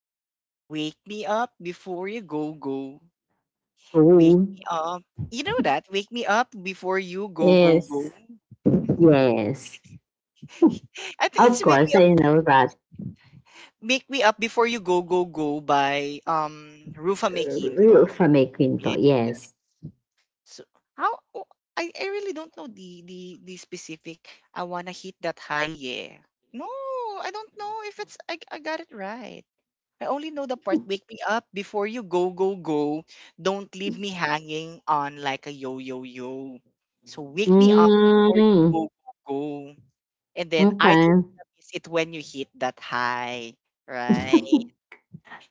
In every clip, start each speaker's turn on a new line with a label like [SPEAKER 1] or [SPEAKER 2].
[SPEAKER 1] it's Wake Me Up Before You Go Go. Wake
[SPEAKER 2] Oh,
[SPEAKER 1] Me Up. You know that? Wake Me Up Before You Go Go
[SPEAKER 2] yes,
[SPEAKER 1] Go.
[SPEAKER 2] yes.
[SPEAKER 1] I think
[SPEAKER 2] Of
[SPEAKER 1] it's
[SPEAKER 2] course, I know that
[SPEAKER 1] Wake Me Up Before You Go Go Go by Rufa
[SPEAKER 2] you're
[SPEAKER 1] Mequinto.
[SPEAKER 2] from Quinto,
[SPEAKER 1] Yeah.
[SPEAKER 2] yes.
[SPEAKER 1] So how oh, I really don't know the the specific. I wanna hit that high, yeah. No, I don't know if it's I got it right. I only know the part wake me up before you go go go. Don't leave me hanging on like a yo yo yo. So wake me up before you
[SPEAKER 2] Mm,
[SPEAKER 1] go go go. And then I
[SPEAKER 2] okay.
[SPEAKER 1] don't wanna miss it when you hit that high, right?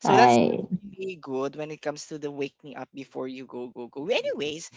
[SPEAKER 1] So that's,
[SPEAKER 2] Hi.
[SPEAKER 1] that's really good when it comes to the wake me up before you go go go. Anyways,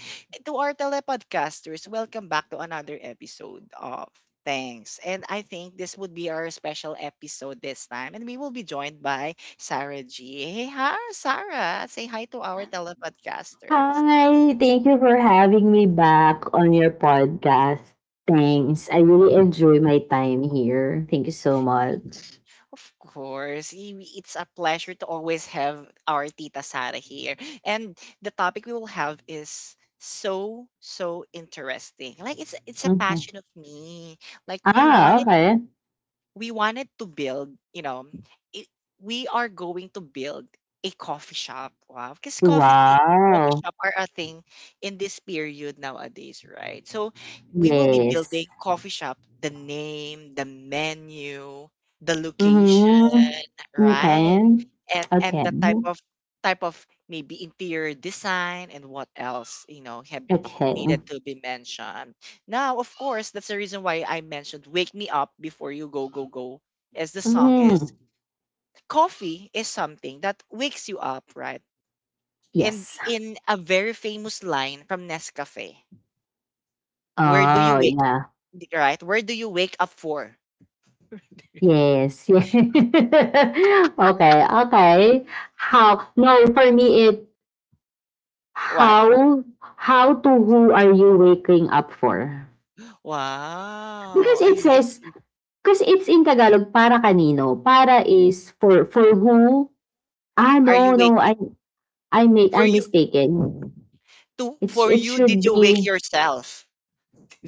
[SPEAKER 1] to our telepodcasters. Welcome back to another episode of. Thanks. And I think this would be our special episode this time. And we will be joined by Sarah G. Hey, hi, Sarah. Say hi to our telepodcasters.
[SPEAKER 2] Hi, thank you for having me back on your podcast. Thanks. I really enjoy my time here. Thank you so much.
[SPEAKER 1] Of course, it's a pleasure to always have our Tita Sara here. And the topic we will have is so so interesting. Like it's a
[SPEAKER 2] Mhm.
[SPEAKER 1] passion of me. Like
[SPEAKER 2] Ah, okay.
[SPEAKER 1] we wanted to build, it, we are going to build a coffee shop. Wow, because coffee thing, coffee
[SPEAKER 2] Wow.
[SPEAKER 1] shop are a thing in this period nowadays, right? So we will be
[SPEAKER 2] Yes.
[SPEAKER 1] building coffee shop, the name, the menu, the location,
[SPEAKER 2] Mm-hmm.
[SPEAKER 1] right?
[SPEAKER 2] Okay.
[SPEAKER 1] And
[SPEAKER 2] Okay.
[SPEAKER 1] the type of type of maybe interior design and what else, have
[SPEAKER 2] Okay.
[SPEAKER 1] needed to be mentioned. Now, of course, that's the reason why I mentioned Wake Me Up Before You Go Go Go as the song
[SPEAKER 2] Hmm.
[SPEAKER 1] is coffee is something that wakes you up, right? And
[SPEAKER 2] Yes.
[SPEAKER 1] in a very famous line from Nescafe, where do you
[SPEAKER 2] Oh,
[SPEAKER 1] wake,
[SPEAKER 2] yeah.
[SPEAKER 1] right? Where do you wake up for?
[SPEAKER 2] Yes. Yeah. Okay. Okay. How? No, for me, it
[SPEAKER 1] What?
[SPEAKER 2] how how to who are you waking up for?
[SPEAKER 1] Wow,
[SPEAKER 2] Because
[SPEAKER 1] I
[SPEAKER 2] it
[SPEAKER 1] like
[SPEAKER 2] says,
[SPEAKER 1] it.
[SPEAKER 2] because it's in Tagalog, para kanino? Para is for who? Ah,
[SPEAKER 1] Are you
[SPEAKER 2] no, no.
[SPEAKER 1] waking
[SPEAKER 2] I I make
[SPEAKER 1] for
[SPEAKER 2] I'm
[SPEAKER 1] you,
[SPEAKER 2] mistaken.
[SPEAKER 1] to
[SPEAKER 2] It's
[SPEAKER 1] for
[SPEAKER 2] it
[SPEAKER 1] you, did
[SPEAKER 2] should
[SPEAKER 1] you wake
[SPEAKER 2] be,
[SPEAKER 1] yourself?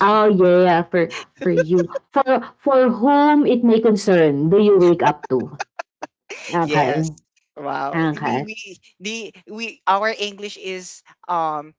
[SPEAKER 2] oh yeah, for you, for whom it may concern. Do you wake up to? Okay.
[SPEAKER 1] Yes. Wow.
[SPEAKER 2] Okay.
[SPEAKER 1] We the we our English is um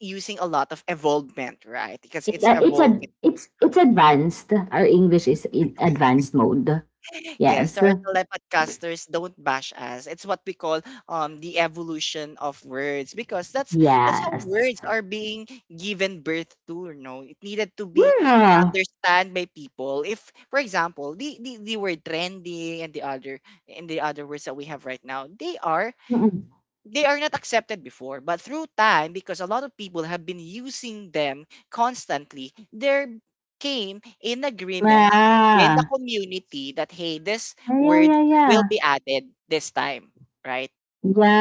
[SPEAKER 1] using a lot of evolvement, right? Because
[SPEAKER 2] It's
[SPEAKER 1] it's
[SPEAKER 2] a, it's
[SPEAKER 1] evolving.
[SPEAKER 2] a, it's it's advanced. Our English is in advanced mode.
[SPEAKER 1] Yes,
[SPEAKER 2] Yes.
[SPEAKER 1] so our telepodcasters don't bash us. It's what we call the evolution of words, because that's how
[SPEAKER 2] Yes.
[SPEAKER 1] words are being given birth to. It needed to be
[SPEAKER 2] Yeah.
[SPEAKER 1] understand by people. If, for example, the word trendy and the other words that we have right now,
[SPEAKER 2] Mm-mm.
[SPEAKER 1] they are not accepted before, but through time, because a lot of people have been using them constantly, there came an agreement in the
[SPEAKER 2] Ah.
[SPEAKER 1] community that, hey, this
[SPEAKER 2] Yeah,
[SPEAKER 1] word
[SPEAKER 2] yeah, yeah.
[SPEAKER 1] will be added this time, right?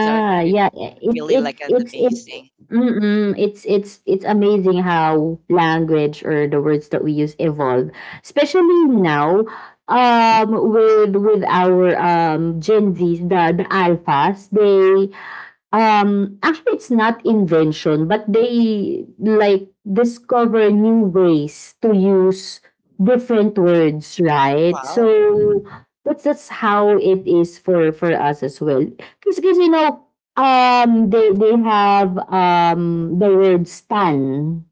[SPEAKER 1] So it's
[SPEAKER 2] yeah. Yeah.
[SPEAKER 1] really
[SPEAKER 2] It
[SPEAKER 1] like an
[SPEAKER 2] it's it
[SPEAKER 1] amazing.
[SPEAKER 2] mm it's amazing how language or the words that we use evolve, especially now with our Gen Zs, the alphas, they. Actually, it's not invention, but they like discover new ways to use different words, right?
[SPEAKER 1] Wow.
[SPEAKER 2] So that's how it is for us as well. Because they have the word stan,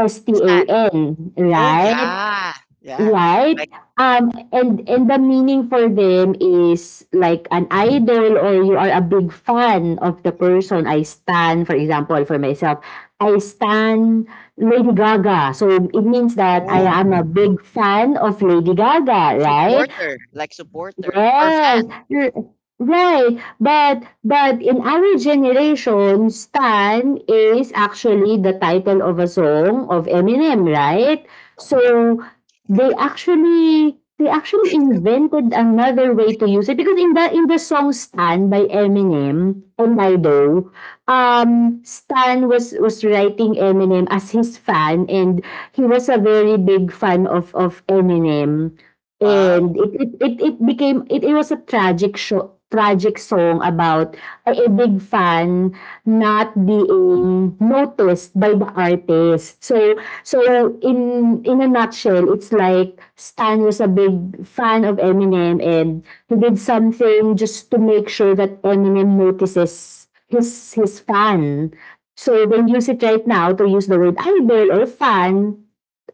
[SPEAKER 2] S T
[SPEAKER 1] Stan.
[SPEAKER 2] A N,
[SPEAKER 1] Oh,
[SPEAKER 2] right?
[SPEAKER 1] yeah. Yeah.
[SPEAKER 2] Right.
[SPEAKER 1] Like.
[SPEAKER 2] Um, and the meaning for them is like an idol or you are a big fan of the person. I stand, for example, for myself, I stand Lady Gaga. So it means that I am a
[SPEAKER 1] Oh,
[SPEAKER 2] big fan of Lady Gaga, right?
[SPEAKER 1] supporter, like supporter or
[SPEAKER 2] Yes,
[SPEAKER 1] fan.
[SPEAKER 2] right. But in our generation, Stan is actually the title of a song of Eminem, right? So they actually invented another way to use it, because in the song Stan by Eminem and Lido, Stan was writing Eminem as his fan, and he was a very big fan of Eminem.
[SPEAKER 1] Wow.
[SPEAKER 2] And it became it was a tragic song about a big fan not being noticed by the artist. So in a nutshell, it's like Stan was a big fan of Eminem, and he did something just to make sure that Eminem notices his fan. So when you use it right now, to use the word idol or fan,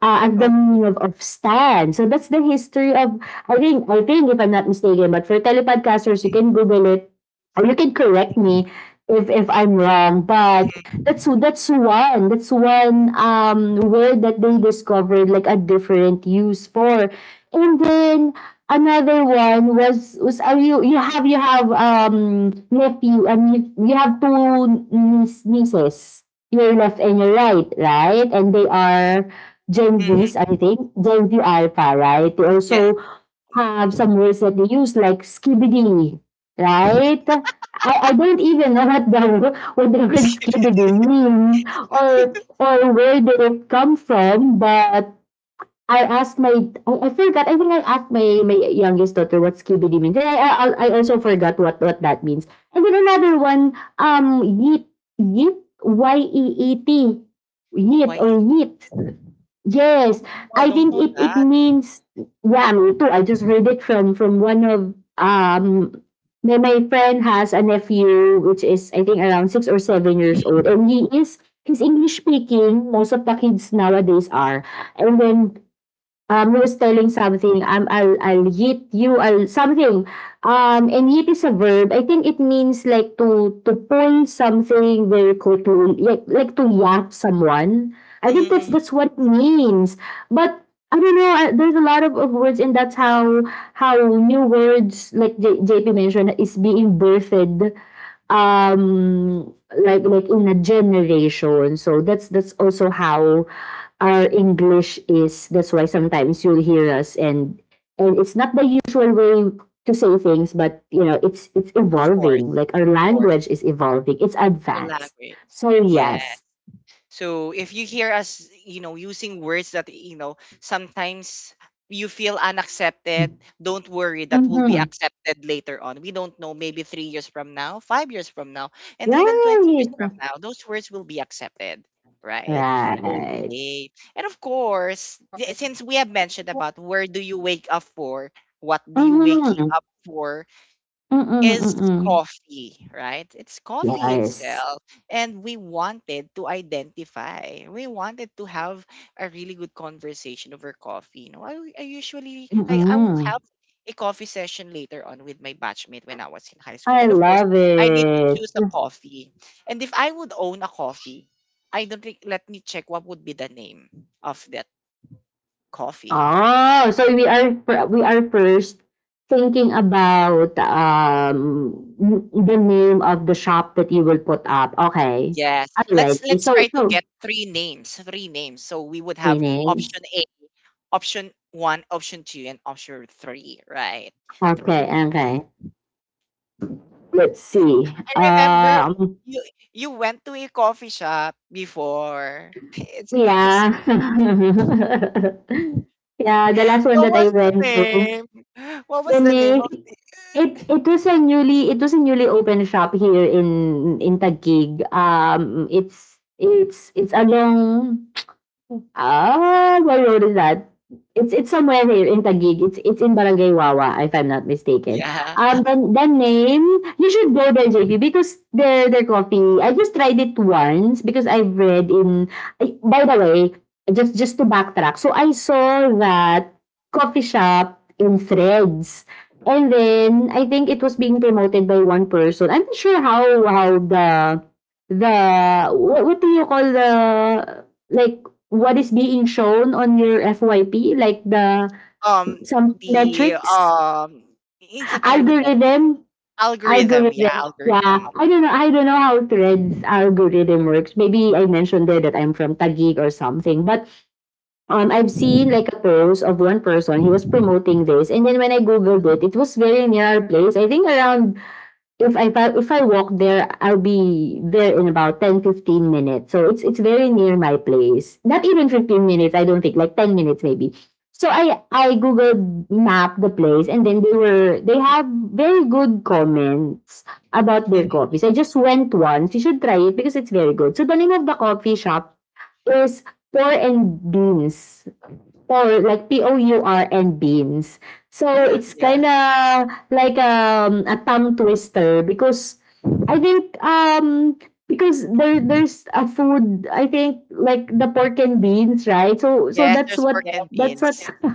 [SPEAKER 2] as the
[SPEAKER 1] Okay.
[SPEAKER 2] meaning of stand. So that's the history of. I think, if I'm not mistaken. But for telepodcasters you can Google it, or you can correct me if I'm wrong. But
[SPEAKER 1] Mhm,
[SPEAKER 2] that's one word that they discovered, like a different use for. And then another one was you have nephew, and mean you have two nieces. Your left and your right, right? And they are Gen Vs,
[SPEAKER 1] mhm.
[SPEAKER 2] I think, Gen V Alpha, right? They
[SPEAKER 1] Yeah.
[SPEAKER 2] also have some words that they use, like skibidi, right? I don't even know what the, word skibidi means, or where did it come from, but I forgot. I think I asked my youngest daughter what skibidi means, and I also forgot what, that means. And then another one, yeet, yeet yeet
[SPEAKER 1] Why?
[SPEAKER 2] or yeet.
[SPEAKER 1] Oh,
[SPEAKER 2] Yes,
[SPEAKER 1] no, I
[SPEAKER 2] I
[SPEAKER 1] don't
[SPEAKER 2] think
[SPEAKER 1] know
[SPEAKER 2] it
[SPEAKER 1] that.
[SPEAKER 2] means, yeah, me too. I just heard it from one of, my friend has a nephew which is, I think, around 6 or 7 years old, and he's English speaking. Most of the kids nowadays are, and then he was telling something, I'll yeet you, I'll something. And yeet is a verb. I think it means like to pull something very quickly, like, to yap someone. I think that's,
[SPEAKER 1] Mhm.
[SPEAKER 2] that's what it means. But I don't know, there's a lot, of words, and that's how new words, like JP mentioned, is being birthed, um, like in a generation. So that's also how our English is. That's why sometimes you'll hear us, and it's not the usual way to say things, but it's
[SPEAKER 1] Of course,
[SPEAKER 2] evolving. Like our
[SPEAKER 1] of course,
[SPEAKER 2] language is evolving. It's
[SPEAKER 1] our
[SPEAKER 2] advanced.
[SPEAKER 1] language.
[SPEAKER 2] So
[SPEAKER 1] Yeah.
[SPEAKER 2] yes.
[SPEAKER 1] So if you hear us, using words that sometimes you feel unaccepted, don't worry, that will be
[SPEAKER 2] Mm-hmm.
[SPEAKER 1] accepted later on. We don't know, maybe 3 years from now, 5 years from now, and even 20 years from
[SPEAKER 2] Right.
[SPEAKER 1] now, those words will be accepted. Right.
[SPEAKER 2] Right.
[SPEAKER 1] Okay. And of course, since we have mentioned about where do you wake up for, what do you waking
[SPEAKER 2] Mm-hmm.
[SPEAKER 1] up for,
[SPEAKER 2] Mm-mm,
[SPEAKER 1] is
[SPEAKER 2] mm-mm.
[SPEAKER 1] coffee, right? It's coffee
[SPEAKER 2] Yes.
[SPEAKER 1] itself. And we wanted to identify. We wanted to have a really good conversation over coffee. You know, I usually, I will have
[SPEAKER 2] Mm-mm.
[SPEAKER 1] a coffee session later on with my batchmate when I was in high school.
[SPEAKER 2] I
[SPEAKER 1] And of course,
[SPEAKER 2] love
[SPEAKER 1] I need to
[SPEAKER 2] it.
[SPEAKER 1] choose a coffee. And if I would own a coffee, I don't think, let me check what would be the name of that coffee.
[SPEAKER 2] Oh, so we are first thinking about the name of the shop that you will put up. Okay.
[SPEAKER 1] Yes. Let's
[SPEAKER 2] Alrighty.
[SPEAKER 1] let's
[SPEAKER 2] So
[SPEAKER 1] try to
[SPEAKER 2] so
[SPEAKER 1] get three names, three names. So we would
[SPEAKER 2] three
[SPEAKER 1] have
[SPEAKER 2] names.
[SPEAKER 1] option A, option one, option two, and option three, right?
[SPEAKER 2] Okay,
[SPEAKER 1] Three.
[SPEAKER 2] okay. Let's see.
[SPEAKER 1] I remember you you went to a coffee shop before. It's
[SPEAKER 2] Yeah. Yeah, the last one
[SPEAKER 1] What
[SPEAKER 2] that I
[SPEAKER 1] was the
[SPEAKER 2] went to.
[SPEAKER 1] name? What
[SPEAKER 2] The
[SPEAKER 1] was the name
[SPEAKER 2] name
[SPEAKER 1] of,
[SPEAKER 2] it was a newly it was a newly opened shop here in Taguig. It's along. Ah, where road is that? It's somewhere here in Taguig. It's in Barangay Wawa, if I'm not mistaken.
[SPEAKER 1] yeah.
[SPEAKER 2] Then the name, you should go there, JP, because their coffee. I just tried it once because I read in. By the way, just to backtrack, so I saw that coffee shop in Threads, and then I think it was being promoted by one person. I'm not sure how the what do you call the, like, what is being shown on your FYP, like the
[SPEAKER 1] Um
[SPEAKER 2] some
[SPEAKER 1] the
[SPEAKER 2] metrics,
[SPEAKER 1] It's not really metrics.
[SPEAKER 2] algorithm,
[SPEAKER 1] Algorithm, yeah,
[SPEAKER 2] algorithm. Yeah,
[SPEAKER 1] algorithm.
[SPEAKER 2] I don't know. I don't know how Threads algorithm works. Maybe I mentioned there that I'm from Taguig or something. But I've seen like a post of one person. He was promoting this, and then when I googled it was very near our place. I think around, if I walk there, I'll be there in about ten fifteen minutes. So it's very near my place. Not even 15 minutes, I don't think, like 10 minutes maybe. So I googled map the place, and then they have very good comments about their coffees. I just went once. You should try it because it's very good. So the name of the coffee shop is Pour and Beans. Pour, like Pour and beans. So it's
[SPEAKER 1] Yeah.
[SPEAKER 2] kind of like, a tongue twister because I think, because there's a food, I think, like the pork and beans, right? So
[SPEAKER 1] Yes,
[SPEAKER 2] that's
[SPEAKER 1] there's
[SPEAKER 2] what
[SPEAKER 1] pork and
[SPEAKER 2] that's what
[SPEAKER 1] beans.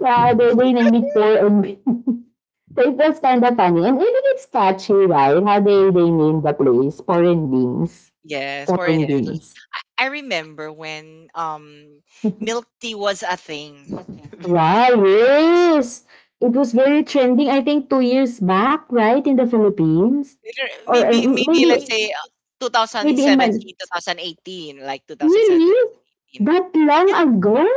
[SPEAKER 2] yeah, they name it pork and beans. So it was kind of funny. And even it's catchy, right? How they name the place, pork and beans.
[SPEAKER 1] Yes,
[SPEAKER 2] Pork
[SPEAKER 1] for
[SPEAKER 2] and
[SPEAKER 1] and milk.
[SPEAKER 2] beans.
[SPEAKER 1] I remember when milk tea was a thing.
[SPEAKER 2] Wow, yes! It was very trending, I think, 2 years back, right, in the Philippines?
[SPEAKER 1] Later-
[SPEAKER 2] Or
[SPEAKER 1] maybe
[SPEAKER 2] m-
[SPEAKER 1] maybe let's
[SPEAKER 2] maybe
[SPEAKER 1] say
[SPEAKER 2] maybe in my.
[SPEAKER 1] 2017, 2018, like 2017,
[SPEAKER 2] Really?
[SPEAKER 1] 2018.
[SPEAKER 2] That long
[SPEAKER 1] Yeah,
[SPEAKER 2] ago?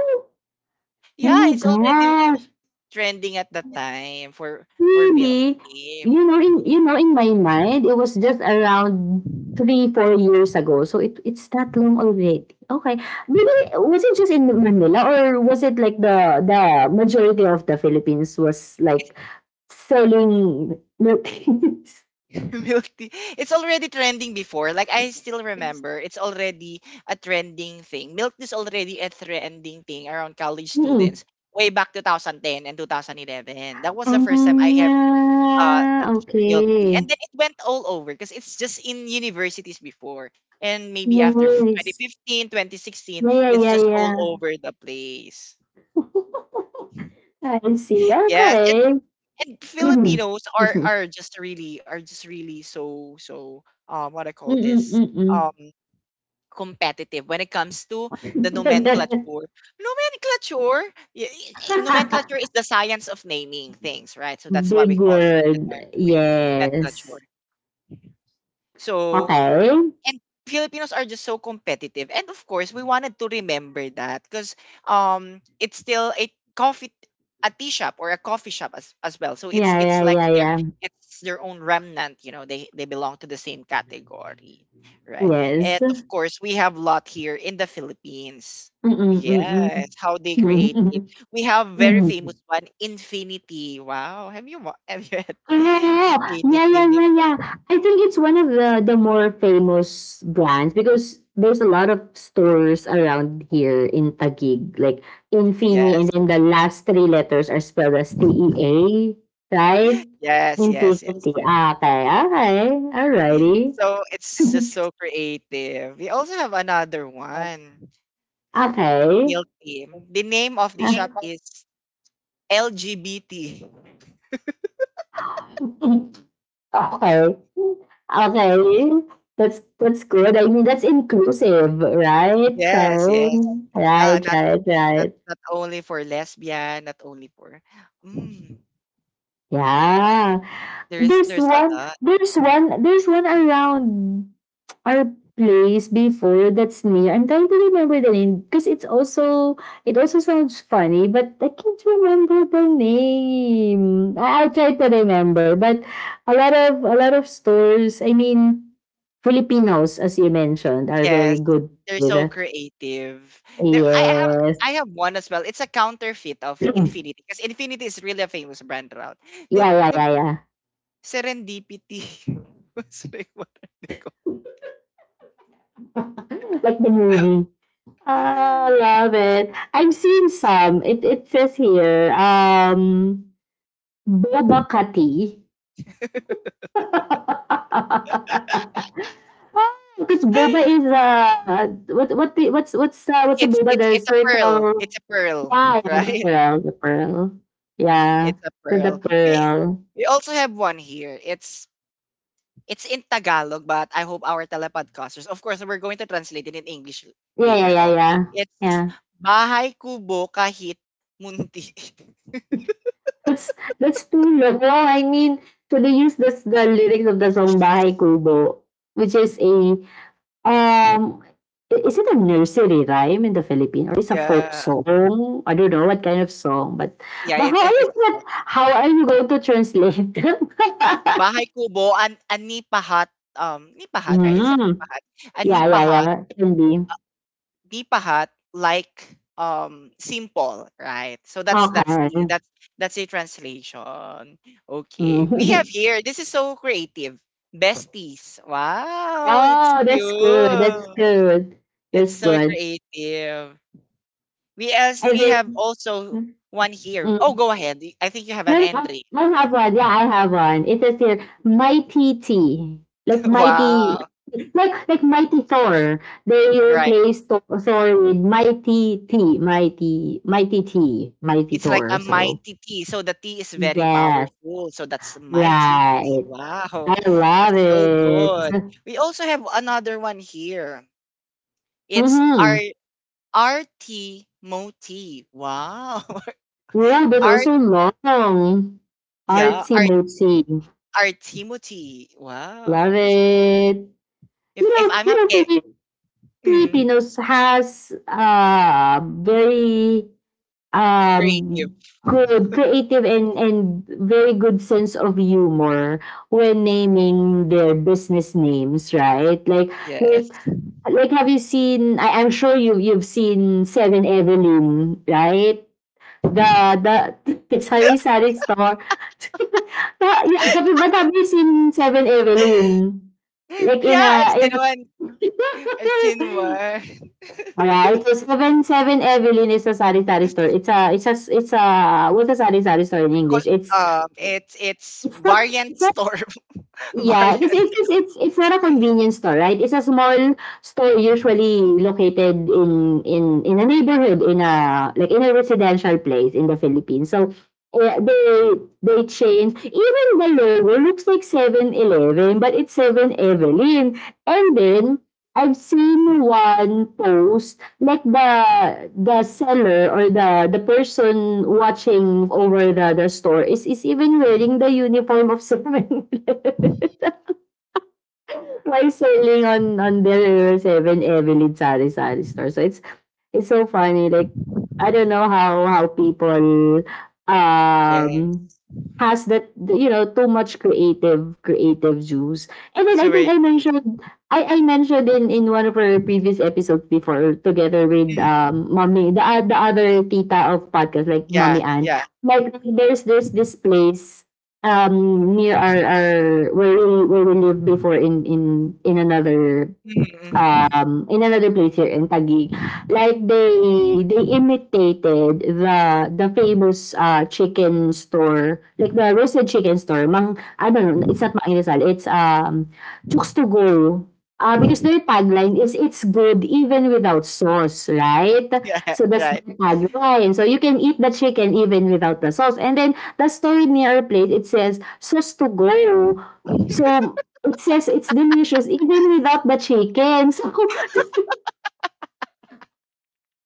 [SPEAKER 2] Oh
[SPEAKER 1] yeah,
[SPEAKER 2] my
[SPEAKER 1] it's already
[SPEAKER 2] gosh.
[SPEAKER 1] trending at the time for milk
[SPEAKER 2] Really?
[SPEAKER 1] tea.
[SPEAKER 2] You know, in my mind, it was just around 3, 4 years ago. So it's that long already. Okay. Maybe was it just in Manila, or was it like the majority of the Philippines was like. Selling, nope.
[SPEAKER 1] Milk tea. It's already trending before. Like, I still remember, it's already a trending thing. Milk tea is already a trending thing around college
[SPEAKER 2] Mm-mm.
[SPEAKER 1] students way back 2010 and 2011. That was the first time I have
[SPEAKER 2] Ah,
[SPEAKER 1] touched milk tea,
[SPEAKER 2] okay.
[SPEAKER 1] and then it went all over because it's just in universities before, and maybe after
[SPEAKER 2] Yes.
[SPEAKER 1] 2015, 2016,
[SPEAKER 2] Yeah, yeah,
[SPEAKER 1] it's
[SPEAKER 2] yeah,
[SPEAKER 1] just all
[SPEAKER 2] yeah.
[SPEAKER 1] over the place.
[SPEAKER 2] I see.
[SPEAKER 1] Yes, and
[SPEAKER 2] Okay.
[SPEAKER 1] and
[SPEAKER 2] Mm.
[SPEAKER 1] Filipinos
[SPEAKER 2] Excuse
[SPEAKER 1] are
[SPEAKER 2] me.
[SPEAKER 1] just really, so what I call this,
[SPEAKER 2] Mm-mm-mm-mm.
[SPEAKER 1] um competitive when it comes to the nomenclature. Nomenclature, nomenclature is the science of naming things, right? So that's what
[SPEAKER 2] Big
[SPEAKER 1] we call the term
[SPEAKER 2] word. Yes.
[SPEAKER 1] nomenclature. So
[SPEAKER 2] Okay.
[SPEAKER 1] and Filipinos are just so competitive. And of course, we wanted to remember that, because it's still a coffee, a tea shop or a coffee shop as well. So it's
[SPEAKER 2] Yeah,
[SPEAKER 1] it's
[SPEAKER 2] yeah,
[SPEAKER 1] like
[SPEAKER 2] yeah,
[SPEAKER 1] their
[SPEAKER 2] yeah.
[SPEAKER 1] it's their own remnant. You know, they belong to the same category, right?
[SPEAKER 2] Yes.
[SPEAKER 1] And of course, we have lot here in the Philippines. Yes,
[SPEAKER 2] Mm-mm-mm-mm.
[SPEAKER 1] how they create it. We have very famous one, Infinity. Wow, have you had
[SPEAKER 2] Yeah, yeah, yeah,
[SPEAKER 1] Infinity
[SPEAKER 2] yeah. Yeah, yeah.
[SPEAKER 1] before?
[SPEAKER 2] I think it's one of the more famous brands because there's a lot of stores around here in Taguig, like Infini, and
[SPEAKER 1] Yes,
[SPEAKER 2] then the last three letters are spelled as TEA, right?
[SPEAKER 1] yes, yes, yes.
[SPEAKER 2] Infinity. Ah, okay, okay, alrighty,
[SPEAKER 1] So it's just so creative. We also have another one, Meal Team. The name of the
[SPEAKER 2] okay.
[SPEAKER 1] shop is LGBT.
[SPEAKER 2] Okay. Okay. That's good. I mean, that's inclusive, right? So,
[SPEAKER 1] Yes, yes. Uh,
[SPEAKER 2] right,
[SPEAKER 1] not
[SPEAKER 2] right,
[SPEAKER 1] not
[SPEAKER 2] right.
[SPEAKER 1] not only for lesbian, not only for, mm,
[SPEAKER 2] Yeah.
[SPEAKER 1] there's
[SPEAKER 2] There's
[SPEAKER 1] there's a
[SPEAKER 2] one
[SPEAKER 1] lot.
[SPEAKER 2] there's one there's one around our place before that's near. I'm trying to remember the name because it also sounds funny, but I can't remember the name. I'll try to remember. But a lot of stores, I mean, Filipinos, as you mentioned, are very
[SPEAKER 1] Yes.
[SPEAKER 2] good
[SPEAKER 1] They're
[SPEAKER 2] with,
[SPEAKER 1] so creative. There
[SPEAKER 2] yes.
[SPEAKER 1] I have one as well. It's a counterfeit of
[SPEAKER 2] Yeah,
[SPEAKER 1] Infinity, because Infinity is really a famous brand around. They
[SPEAKER 2] yeah,
[SPEAKER 1] they
[SPEAKER 2] yeah,
[SPEAKER 1] put
[SPEAKER 2] yeah.
[SPEAKER 1] serendipity. Sorry, what are they
[SPEAKER 2] Like the movie. I
[SPEAKER 1] called?
[SPEAKER 2] love it. I've seen some. It says here, boba kati. Because boba is what's a
[SPEAKER 1] it's
[SPEAKER 2] boba?
[SPEAKER 1] it's
[SPEAKER 2] The
[SPEAKER 1] it's a pearl.
[SPEAKER 2] circle.
[SPEAKER 1] It's a pearl,
[SPEAKER 2] Yeah, yeah, the
[SPEAKER 1] right?
[SPEAKER 2] pearl, the pearl. Yeah,
[SPEAKER 1] It's a
[SPEAKER 2] the
[SPEAKER 1] pearl. We
[SPEAKER 2] pearl.
[SPEAKER 1] we also have one here. It's in Tagalog, but I hope our telepodcasters, of course, we're going to translate it in English
[SPEAKER 2] Yeah, yeah,
[SPEAKER 1] later
[SPEAKER 2] yeah,
[SPEAKER 1] on.
[SPEAKER 2] yeah,
[SPEAKER 1] It's
[SPEAKER 2] yeah.
[SPEAKER 1] bahay kubo kahit munti.
[SPEAKER 2] That's that's too low. No, I mean, so they use the lyrics of the song "Bahay Kubo," which Um, is it a nursery rhyme in the Philippines, or is a folk
[SPEAKER 1] Yeah,
[SPEAKER 2] song? I don't know what kind of song, but
[SPEAKER 1] yeah.
[SPEAKER 2] but
[SPEAKER 1] It's
[SPEAKER 2] how are
[SPEAKER 1] it's
[SPEAKER 2] you
[SPEAKER 1] it's a
[SPEAKER 2] what,
[SPEAKER 1] song.
[SPEAKER 2] how are you going to translate?
[SPEAKER 1] Bahay kubo an anipahat, nipahat, right? Is it
[SPEAKER 2] Mm.
[SPEAKER 1] nipahat?
[SPEAKER 2] Yeah, yeah,
[SPEAKER 1] Anipahat
[SPEAKER 2] yeah. Can be.
[SPEAKER 1] deep pahat like, simple, right? So that's
[SPEAKER 2] Okay.
[SPEAKER 1] the that's a translation. Okay, we have
[SPEAKER 2] Mm.
[SPEAKER 1] here, this is so creative, besties. Wow, it's
[SPEAKER 2] Oh, that's good. That's
[SPEAKER 1] cute.
[SPEAKER 2] good.
[SPEAKER 1] It's
[SPEAKER 2] That's
[SPEAKER 1] so
[SPEAKER 2] good.
[SPEAKER 1] creative. We as
[SPEAKER 2] And
[SPEAKER 1] we have
[SPEAKER 2] then,
[SPEAKER 1] also one here. Oh,
[SPEAKER 2] mm,
[SPEAKER 1] go ahead, I think you have an
[SPEAKER 2] no, no,
[SPEAKER 1] entry.
[SPEAKER 2] I have one. Yeah, I have one. It says here, Mighty T. Like Mighty,
[SPEAKER 1] Wow,
[SPEAKER 2] like Mighty Thor. They
[SPEAKER 1] right.
[SPEAKER 2] replaced Thor Thor with Mighty T, Mighty Mighty T, Mighty
[SPEAKER 1] It's like a
[SPEAKER 2] Thor. So
[SPEAKER 1] mighty tea. So the tea is very
[SPEAKER 2] yes,
[SPEAKER 1] powerful. So that's mighty tea.
[SPEAKER 2] right.
[SPEAKER 1] Wow.
[SPEAKER 2] I love
[SPEAKER 1] That's so good.
[SPEAKER 2] it.
[SPEAKER 1] We also have another one here. It's
[SPEAKER 2] Mm-hmm.
[SPEAKER 1] our RT Moti. Wow.
[SPEAKER 2] Yeah, but
[SPEAKER 1] Art
[SPEAKER 2] also long.
[SPEAKER 1] yeah,
[SPEAKER 2] Artsy,
[SPEAKER 1] Art
[SPEAKER 2] motsy.
[SPEAKER 1] Art Timothy.
[SPEAKER 2] Love
[SPEAKER 1] Wow.
[SPEAKER 2] it.
[SPEAKER 1] If
[SPEAKER 2] You know,
[SPEAKER 1] I'm
[SPEAKER 2] you know,
[SPEAKER 1] okay. Mm,
[SPEAKER 2] Filipinos has a very,
[SPEAKER 1] creative.
[SPEAKER 2] um, good, creative, and very good sense of humor when naming their business names, right? Like
[SPEAKER 1] Yes.
[SPEAKER 2] like like have you seen I'm sure you've seen Seven Evelyn, right? The sari sari store. Ah, yeah, but have you seen Seven Evelyn? Like in a
[SPEAKER 1] Yeah, I've
[SPEAKER 2] in
[SPEAKER 1] seen
[SPEAKER 2] a
[SPEAKER 1] one. I've seen one.
[SPEAKER 2] alright, so seven Evelyn is a sari sari store. It's a it's a it's a what's a sari sari store in
[SPEAKER 1] Co-
[SPEAKER 2] English? It's
[SPEAKER 1] It's
[SPEAKER 2] it's not
[SPEAKER 1] variant
[SPEAKER 2] it's
[SPEAKER 1] store.
[SPEAKER 2] Yeah, kasi because it,
[SPEAKER 1] Variants,
[SPEAKER 2] 'cause it's not a convenience store, right? It's a small store usually located in in a neighborhood in a like in a residential place in the Philippines. So eh, they change. Even the logo looks like Seven eleven but it's Seven Evelyn. And then I've seen one post, like the seller or the person watching over the store is even wearing the uniform of Seven eleven supply, selling on their seven Evelyn Sari Sari store. So it's so funny. Like I don't know how people um
[SPEAKER 1] yes.
[SPEAKER 2] has that too much creative creative juice. And then
[SPEAKER 1] It's a
[SPEAKER 2] I think
[SPEAKER 1] way
[SPEAKER 2] I
[SPEAKER 1] choose.
[SPEAKER 2] mentioned I, I mentioned in one of our previous episodes before, together with
[SPEAKER 1] Mhm.
[SPEAKER 2] mommy, the other tita of podcast, like mommy
[SPEAKER 1] Yeah,
[SPEAKER 2] Ann,
[SPEAKER 1] yeah.
[SPEAKER 2] like there's this place near our where we lived before in another
[SPEAKER 1] Mm-hmm.
[SPEAKER 2] um, in another place here in Taguig. Like they imitated the famous chicken store, like the roasted chicken store. I don't know, it's not Mang Inasal, it's Chooks to go. Because their tagline is, it's good even without sauce, right?
[SPEAKER 1] Yeah,
[SPEAKER 2] So that's the
[SPEAKER 1] right.
[SPEAKER 2] tagline. So you can eat the chicken even without the sauce. And then the store near our place, it says sauce to go. So it says it's delicious even without the chicken. So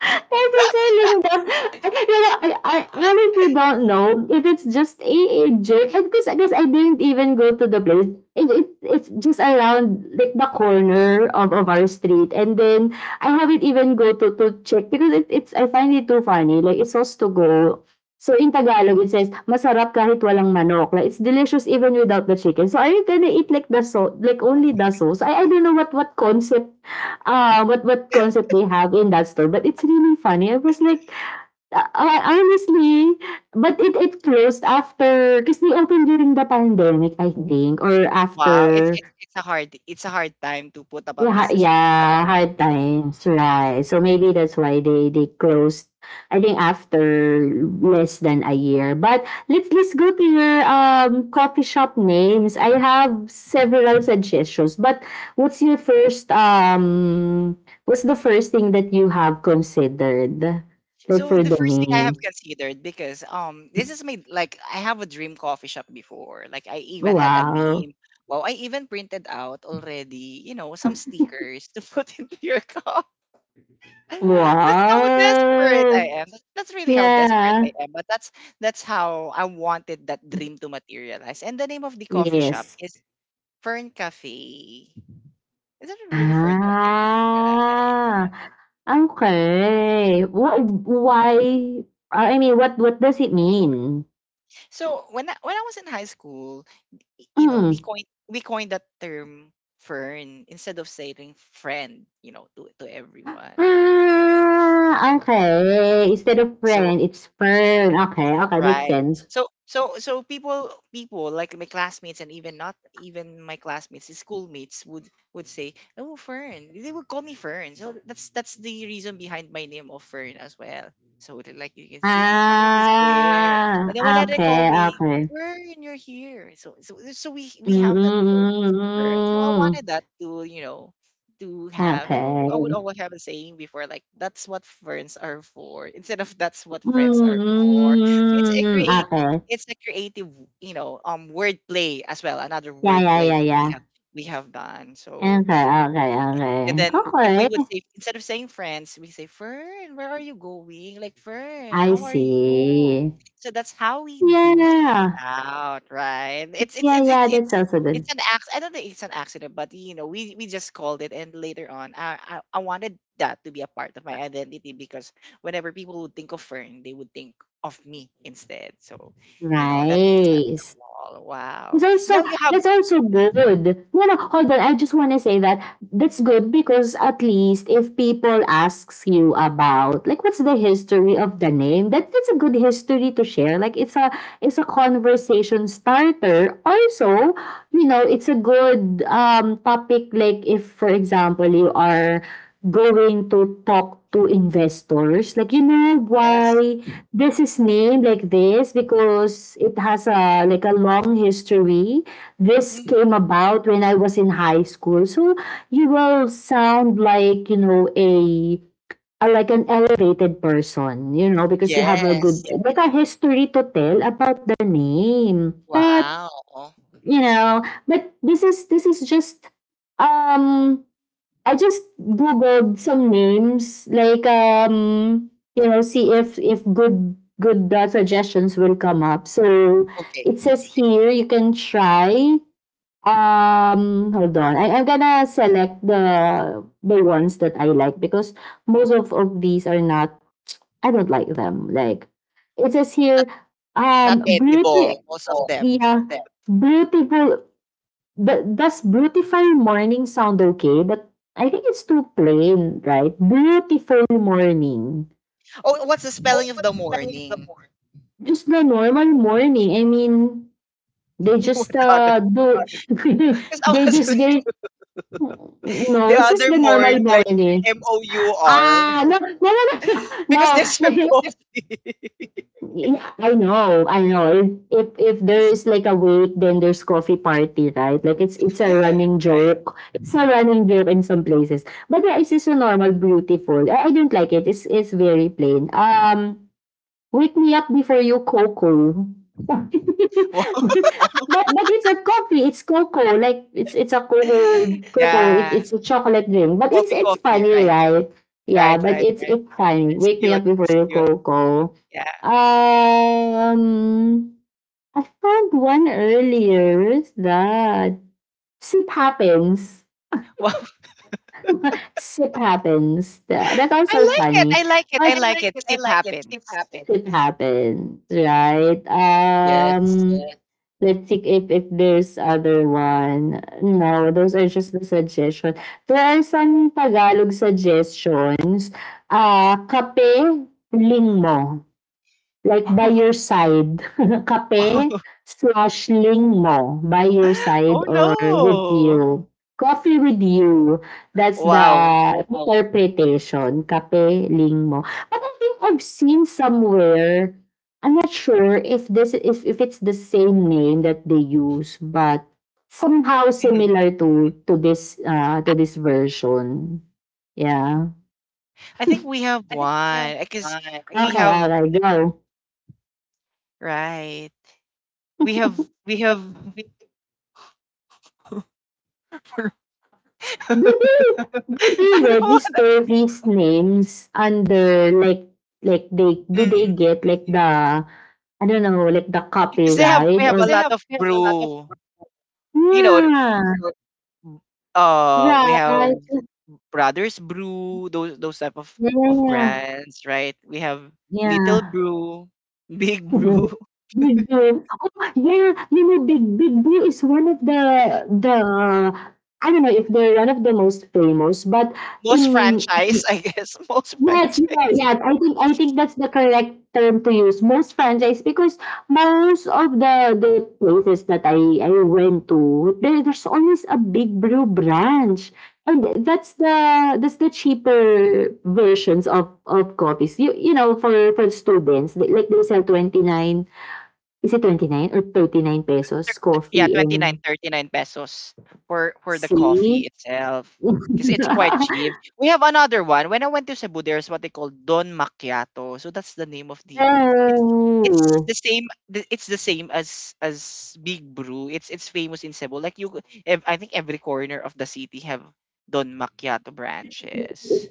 [SPEAKER 2] they're just selling them. You know, I honestly don't know if it's just a And because I guess I didn't even go to the place. It's just around like the corner of our street. And then I haven't even go to check because it, it's I find it too funny. Like it's supposed to go. So in Tagalog, it says, masarap kahit walang manok. Like, it's delicious even without the chicken. So are you gonna eat like the sauce, like only the sauce? I don't know what what concept they have in that store. But it's really funny. I was like, honestly, but it closed after, because they opened during the pandemic, I think, or
[SPEAKER 1] Wow,
[SPEAKER 2] after.
[SPEAKER 1] it's a hard time to put up a
[SPEAKER 2] Laha,
[SPEAKER 1] business during
[SPEAKER 2] yeah,
[SPEAKER 1] pandemic.
[SPEAKER 2] hard times, right. So maybe that's why they closed, I think after less than a year. But let's go to your coffee shop names. I have several suggestions, but what's your first um what's the first thing that you have considered? Like
[SPEAKER 1] So
[SPEAKER 2] for
[SPEAKER 1] the
[SPEAKER 2] the
[SPEAKER 1] first thing I have
[SPEAKER 2] name.
[SPEAKER 1] considered, because this is my, like, I have a dream coffee shop before. Like, I even had a
[SPEAKER 2] Wow.
[SPEAKER 1] name. Wow, I even printed out already, some stickers to put into your coffee. That's how desperate
[SPEAKER 2] Wow.
[SPEAKER 1] I am. That's really how desperate
[SPEAKER 2] Yeah.
[SPEAKER 1] I am. But that's how I wanted that dream to materialize. And the name of the coffee shop
[SPEAKER 2] Yes.
[SPEAKER 1] is Fern Cafe. Is it really Fern Cafe? Right.
[SPEAKER 2] Ah, okay. What, why? I mean, what does it mean?
[SPEAKER 1] So when I was in high school, you know,
[SPEAKER 2] Mm.
[SPEAKER 1] we coined that term fern instead of saying friend, to everyone.
[SPEAKER 2] Ah, okay. Instead of
[SPEAKER 1] So.
[SPEAKER 2] friend, it's fern. Okay, okay, makes
[SPEAKER 1] Right.
[SPEAKER 2] sense.
[SPEAKER 1] So people like my classmates and even not even my classmates, the schoolmates would say, "Oh, Fern." They would call me Fern. So that's the reason behind my name of Fern as well. So they're like, you guys, JP Fern is there.
[SPEAKER 2] Ah,
[SPEAKER 1] And then whenever they call
[SPEAKER 2] okay,
[SPEAKER 1] me,
[SPEAKER 2] okay.
[SPEAKER 1] Fern, you're here. So we
[SPEAKER 2] Mm, mm,
[SPEAKER 1] have that term Fern. So
[SPEAKER 2] mm,
[SPEAKER 1] I wanted that to, to
[SPEAKER 2] mm.
[SPEAKER 1] have. And I would
[SPEAKER 2] Okay.
[SPEAKER 1] always have a saying before, like, that's what ferns are for instead of that's what
[SPEAKER 2] Mm,
[SPEAKER 1] friends are
[SPEAKER 2] mm,
[SPEAKER 1] for. So
[SPEAKER 2] mm, okay.
[SPEAKER 1] it's a creative, wordplay as well. Another
[SPEAKER 2] Yeah, yeah,
[SPEAKER 1] wordplay
[SPEAKER 2] yeah,
[SPEAKER 1] that
[SPEAKER 2] yeah.
[SPEAKER 1] we have done. So,
[SPEAKER 2] Okay, okay,
[SPEAKER 1] and
[SPEAKER 2] okay.
[SPEAKER 1] then, if we would
[SPEAKER 2] Okay.
[SPEAKER 1] say instead of saying friends, we say, Fern, where are you going? Like, Fern,
[SPEAKER 2] I
[SPEAKER 1] how are you?
[SPEAKER 2] see.
[SPEAKER 1] So that's how we do things
[SPEAKER 2] Yeah.
[SPEAKER 1] out, right? It's it's
[SPEAKER 2] Yeah,
[SPEAKER 1] it's it's
[SPEAKER 2] yeah, that
[SPEAKER 1] it's
[SPEAKER 2] sounds so good.
[SPEAKER 1] it's an act. I don't think it's an accident, but you know, we just called it. And later on, I wanted that to be a part of my identity because whenever people would think of Fern, they would think of me instead. So, you know, that's
[SPEAKER 2] Nice.
[SPEAKER 1] acceptable.
[SPEAKER 2] It's
[SPEAKER 1] Wow. Now
[SPEAKER 2] also
[SPEAKER 1] you have,
[SPEAKER 2] that's also good.
[SPEAKER 1] Mm,
[SPEAKER 2] No, no, hold on. I just want to say that that's good, because at least if people asks you about like what's the history of the name, that that's a good history to share. Like it's a conversation starter. Also, it's a good topic. Like if for example you are going to talk to investors, like you know
[SPEAKER 1] yes,
[SPEAKER 2] why this is named like this, because it has a long history. This
[SPEAKER 1] hmm
[SPEAKER 2] came about when I was in high school. So you will sound like, a like an elevated person, because you have a good
[SPEAKER 1] yes.
[SPEAKER 2] like a history to tell about the name. But,
[SPEAKER 1] Wow.
[SPEAKER 2] you know, but this is just um I just googled some names, like see if good good suggestions will come up. So
[SPEAKER 1] Okay.
[SPEAKER 2] it says here you can try. Hold on, I'm gonna select the ones that I like because most of these are not. I don't like them. Like it says here,
[SPEAKER 1] Not not edible,
[SPEAKER 2] beauty,
[SPEAKER 1] most of them.
[SPEAKER 2] yeah, beautiful Do does beautiful morning sound okay? But I think it's too plain, right? Beautiful morning.
[SPEAKER 1] Oh, what's the spelling of the morning?
[SPEAKER 2] Just the normal morning. I mean, they
[SPEAKER 1] You want
[SPEAKER 2] just
[SPEAKER 1] the other?
[SPEAKER 2] do
[SPEAKER 1] Because I
[SPEAKER 2] they
[SPEAKER 1] was
[SPEAKER 2] just they
[SPEAKER 1] like,
[SPEAKER 2] no,
[SPEAKER 1] the
[SPEAKER 2] it's just
[SPEAKER 1] other
[SPEAKER 2] the normal
[SPEAKER 1] morning, like
[SPEAKER 2] morning.
[SPEAKER 1] mour,
[SPEAKER 2] Ah, no, no, no, no,
[SPEAKER 1] because they
[SPEAKER 2] no.
[SPEAKER 1] serve
[SPEAKER 2] No.
[SPEAKER 1] coffee,
[SPEAKER 2] Yeah, I know, I know. If there is like a wait, then there's coffee party, right? Like it's a running
[SPEAKER 1] right?
[SPEAKER 2] joke. It's a running joke in some places. But yeah, it's just a normal beautiful. I don't like it. It's very plain. Wake me up before you cocoa. but
[SPEAKER 1] Wow.
[SPEAKER 2] but it's not coffee, it's cocoa. Like it's a cocoa cocoa. It,
[SPEAKER 1] Yeah,
[SPEAKER 2] it's a chocolate drink. But it's
[SPEAKER 1] coffee,
[SPEAKER 2] it's
[SPEAKER 1] coffee.
[SPEAKER 2] funny,
[SPEAKER 1] Right,
[SPEAKER 2] right? Yeah,
[SPEAKER 1] right,
[SPEAKER 2] but
[SPEAKER 1] right,
[SPEAKER 2] it's
[SPEAKER 1] right.
[SPEAKER 2] it's funny.
[SPEAKER 1] It's
[SPEAKER 2] Wake me
[SPEAKER 1] cute.
[SPEAKER 2] up before
[SPEAKER 1] It's
[SPEAKER 2] you
[SPEAKER 1] cute.
[SPEAKER 2] cocoa.
[SPEAKER 1] Yeah.
[SPEAKER 2] Um I found one earlier. Where's that? Sip happens.
[SPEAKER 1] Wow.
[SPEAKER 2] Shit happens. That's
[SPEAKER 1] I
[SPEAKER 2] also
[SPEAKER 1] like it.
[SPEAKER 2] funny,
[SPEAKER 1] I like it. I
[SPEAKER 2] but
[SPEAKER 1] like it. Sleep
[SPEAKER 2] it
[SPEAKER 1] happens.
[SPEAKER 2] happens, happens, right?
[SPEAKER 1] Yes.
[SPEAKER 2] Let's see if there's other one. No, those are just the suggestions. There are some Tagalog suggestions. Ah, kape lingmo. Like by your side,
[SPEAKER 1] Wow.
[SPEAKER 2] kape/ling mo, by your
[SPEAKER 1] Oh,
[SPEAKER 2] side or with you.
[SPEAKER 1] no.
[SPEAKER 2] Coffee with you, that's the
[SPEAKER 1] Wow.
[SPEAKER 2] wow, interpretation, kape/ling mo. But I think I've seen somewhere, I'm not sure if this if it's the same name that they use, but somehow
[SPEAKER 1] Mhm.
[SPEAKER 2] similar to this version. Yeah.
[SPEAKER 1] I think we have one because we
[SPEAKER 2] Okay, all
[SPEAKER 1] have
[SPEAKER 2] right, go.
[SPEAKER 1] right. We have we have
[SPEAKER 2] Do they
[SPEAKER 1] I don't want
[SPEAKER 2] register these names under like they get like I don't know, like the
[SPEAKER 1] because they have we
[SPEAKER 2] copyright
[SPEAKER 1] have
[SPEAKER 2] or,
[SPEAKER 1] a lot of brew. You know,
[SPEAKER 2] yeah,
[SPEAKER 1] we have
[SPEAKER 2] right,
[SPEAKER 1] Brothers Brew, those type of
[SPEAKER 2] yeah,
[SPEAKER 1] brands, right? We have Little
[SPEAKER 2] yeah.
[SPEAKER 1] Brew, Big Brew,
[SPEAKER 2] Big deal. Oh yeah, big big deal is one of the I don't know if they're one of the most famous, but
[SPEAKER 1] most
[SPEAKER 2] in
[SPEAKER 1] franchise, I guess, most
[SPEAKER 2] yes,
[SPEAKER 1] franchise.
[SPEAKER 2] yeah, yeah. I think that's the correct term to use. Most franchise, because most of the places that I went to, there's always a big brew branch, and that's the cheaper versions of coffees. You know, for students, like they sell 29. Is it ₱29 or ₱39
[SPEAKER 1] Yeah,
[SPEAKER 2] coffee,
[SPEAKER 1] 29
[SPEAKER 2] and
[SPEAKER 1] 39 pesos for the
[SPEAKER 2] C?
[SPEAKER 1] coffee itself. Because it's quite cheap. We have another one. When I went to Cebu, there's what they call Don Macchiato. So that's the name of the it's it's
[SPEAKER 2] Oh.
[SPEAKER 1] the same it's the same as Big Brew. It's famous in Cebu. Like you I think every corner of the city have Don Macchiato branches.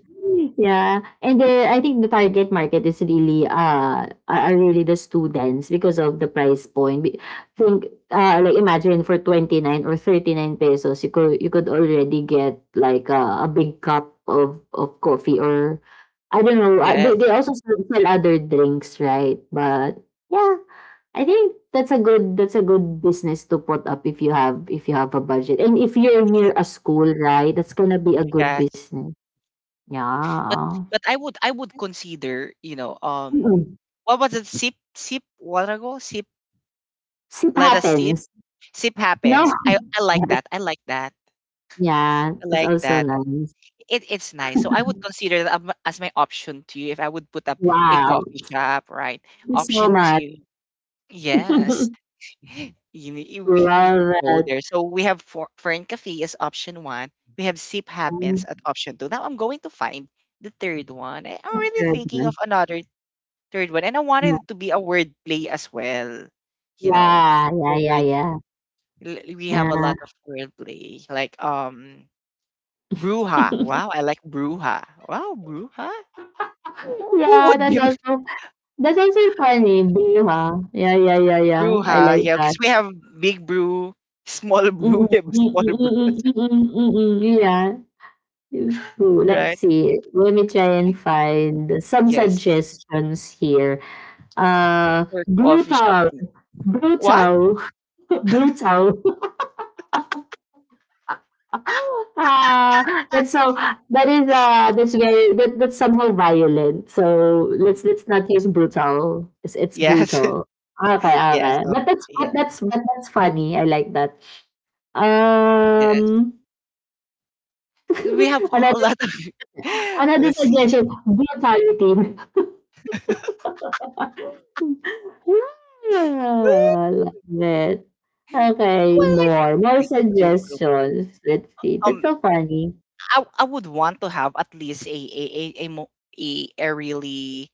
[SPEAKER 2] Yeah, and I think the target market is really are really the students because of the price point. Think like imagine for ₱29 or ₱39, you could already get like a big cup of coffee or I don't know. uh, They
[SPEAKER 1] Yes.
[SPEAKER 2] they also sell sell other drinks, right? But yeah, I think that's a good business to put up if you have a budget and if you're
[SPEAKER 1] y-
[SPEAKER 2] near a school, right? That's gonna be a good
[SPEAKER 1] Yes.
[SPEAKER 2] business.
[SPEAKER 1] But
[SPEAKER 2] Yeah.
[SPEAKER 1] but I would consider, you know,
[SPEAKER 2] Mm.
[SPEAKER 1] what was it? Sip what ago?
[SPEAKER 2] Soup
[SPEAKER 1] Let us sip.
[SPEAKER 2] happens.
[SPEAKER 1] Sip
[SPEAKER 2] No.
[SPEAKER 1] happens. I like
[SPEAKER 2] Yes.
[SPEAKER 1] that. I like that.
[SPEAKER 2] Yeah,
[SPEAKER 1] I
[SPEAKER 2] it's
[SPEAKER 1] like
[SPEAKER 2] also
[SPEAKER 1] that.
[SPEAKER 2] nice.
[SPEAKER 1] It's nice. So I would consider that as my option two if I would put up a
[SPEAKER 2] Wow.
[SPEAKER 1] coffee shop, right?
[SPEAKER 2] Thank you so
[SPEAKER 1] Option
[SPEAKER 2] much.
[SPEAKER 1] two. Yes. You know, we could
[SPEAKER 2] Love
[SPEAKER 1] go
[SPEAKER 2] it.
[SPEAKER 1] there. So we have for, Fern Cafe as option one. We have Sip
[SPEAKER 2] Mm,
[SPEAKER 1] Happens at option two. Now I'm going to find the third one. I'm
[SPEAKER 2] that's
[SPEAKER 1] really thinking of
[SPEAKER 2] good.
[SPEAKER 1] another third one. And I wanted
[SPEAKER 2] Yeah.
[SPEAKER 1] it to be a word play as well. You know,
[SPEAKER 2] Yeah,
[SPEAKER 1] a
[SPEAKER 2] yeah, yeah,
[SPEAKER 1] word
[SPEAKER 2] yeah.
[SPEAKER 1] we have a
[SPEAKER 2] Yeah.
[SPEAKER 1] lot of wordplay, like bruja. Wow, I like bruja. Wow, bruja. Who
[SPEAKER 2] Yeah,
[SPEAKER 1] would
[SPEAKER 2] that's
[SPEAKER 1] be with
[SPEAKER 2] also that's also funny, Bill, huh? Yeah, yeah, yeah, yeah. I
[SPEAKER 1] bruja?
[SPEAKER 2] like
[SPEAKER 1] Yeah,
[SPEAKER 2] that.
[SPEAKER 1] because we have big brew, small
[SPEAKER 2] Mm-mm,
[SPEAKER 1] brew, we have
[SPEAKER 2] mm-mm,
[SPEAKER 1] small brew,
[SPEAKER 2] mm-mm,
[SPEAKER 1] as
[SPEAKER 2] mm-mm, mm-mm. Yeah. It's true.
[SPEAKER 1] well,
[SPEAKER 2] Let's
[SPEAKER 1] right?
[SPEAKER 2] see. Let me try and find some
[SPEAKER 1] Yes,
[SPEAKER 2] suggestions here.
[SPEAKER 1] or coffee shop.
[SPEAKER 2] Brutal,
[SPEAKER 1] What?
[SPEAKER 2] brutal, brutal. uh, and so that is that's somehow violent. So let's not use brutal. It's
[SPEAKER 1] Yes,
[SPEAKER 2] brutal. Okay,
[SPEAKER 1] yes.
[SPEAKER 2] okay. But that's
[SPEAKER 1] Yeah,
[SPEAKER 2] but that's but that's funny. I like that.
[SPEAKER 1] yes.
[SPEAKER 2] Um,
[SPEAKER 1] We have a
[SPEAKER 2] another
[SPEAKER 1] lot of.
[SPEAKER 2] another
[SPEAKER 1] Let's see.
[SPEAKER 2] suggestion: brutality. Ah, like that. Okay,
[SPEAKER 1] Well, like you
[SPEAKER 2] more. More
[SPEAKER 1] know, brew, brew, brew.
[SPEAKER 2] suggestions. Let's see. That's
[SPEAKER 1] Um,
[SPEAKER 2] so funny.
[SPEAKER 1] I would want to have at least a a, mo- a really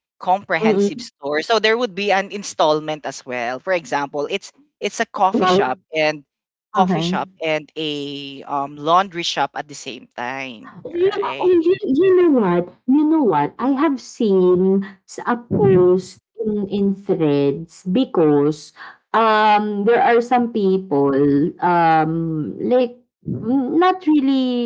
[SPEAKER 2] 嗯
[SPEAKER 1] comprehensive
[SPEAKER 2] 嗯，
[SPEAKER 1] store. So there would be an installment as well. For example, it's a
[SPEAKER 2] 嗯，
[SPEAKER 1] coffee shop
[SPEAKER 2] 嗯。K
[SPEAKER 1] and a laundry shop at the same time,
[SPEAKER 2] You know, oh,
[SPEAKER 1] right?
[SPEAKER 2] you know what? You know what? I have seen a post in threads because there are some people um like not really,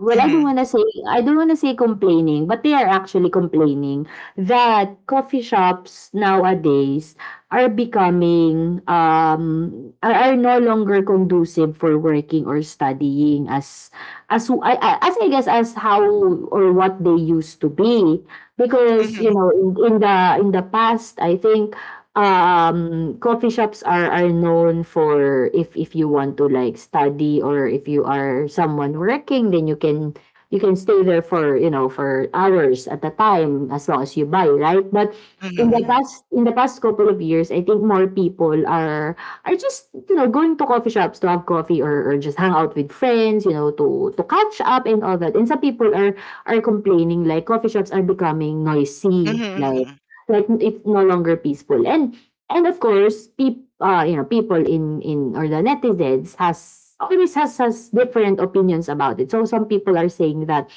[SPEAKER 2] well, I don't
[SPEAKER 1] Mm-hmm,
[SPEAKER 2] want to say I don't want to say complaining, but they are actually complaining that coffee shops nowadays are becoming are no longer conducive for working or studying as I guess as how or what they used to be, because
[SPEAKER 1] mm-hmm,
[SPEAKER 2] in, in the in the past I think coffee shops are known for, if you want to like study or if you are someone working, then you can stay there for hours at a time as long as you buy, right, but in the
[SPEAKER 1] mm-hmm,
[SPEAKER 2] past in the past couple of years I think more people are, I just, going to coffee shops to have coffee or just hang out with friends, to catch up and all that. And some people are complaining, like coffee shops are becoming noisy, like
[SPEAKER 1] mm-hmm,
[SPEAKER 2] it's no longer peaceful. And of course, people in or the netizens has always has different opinions about it. So some people are saying that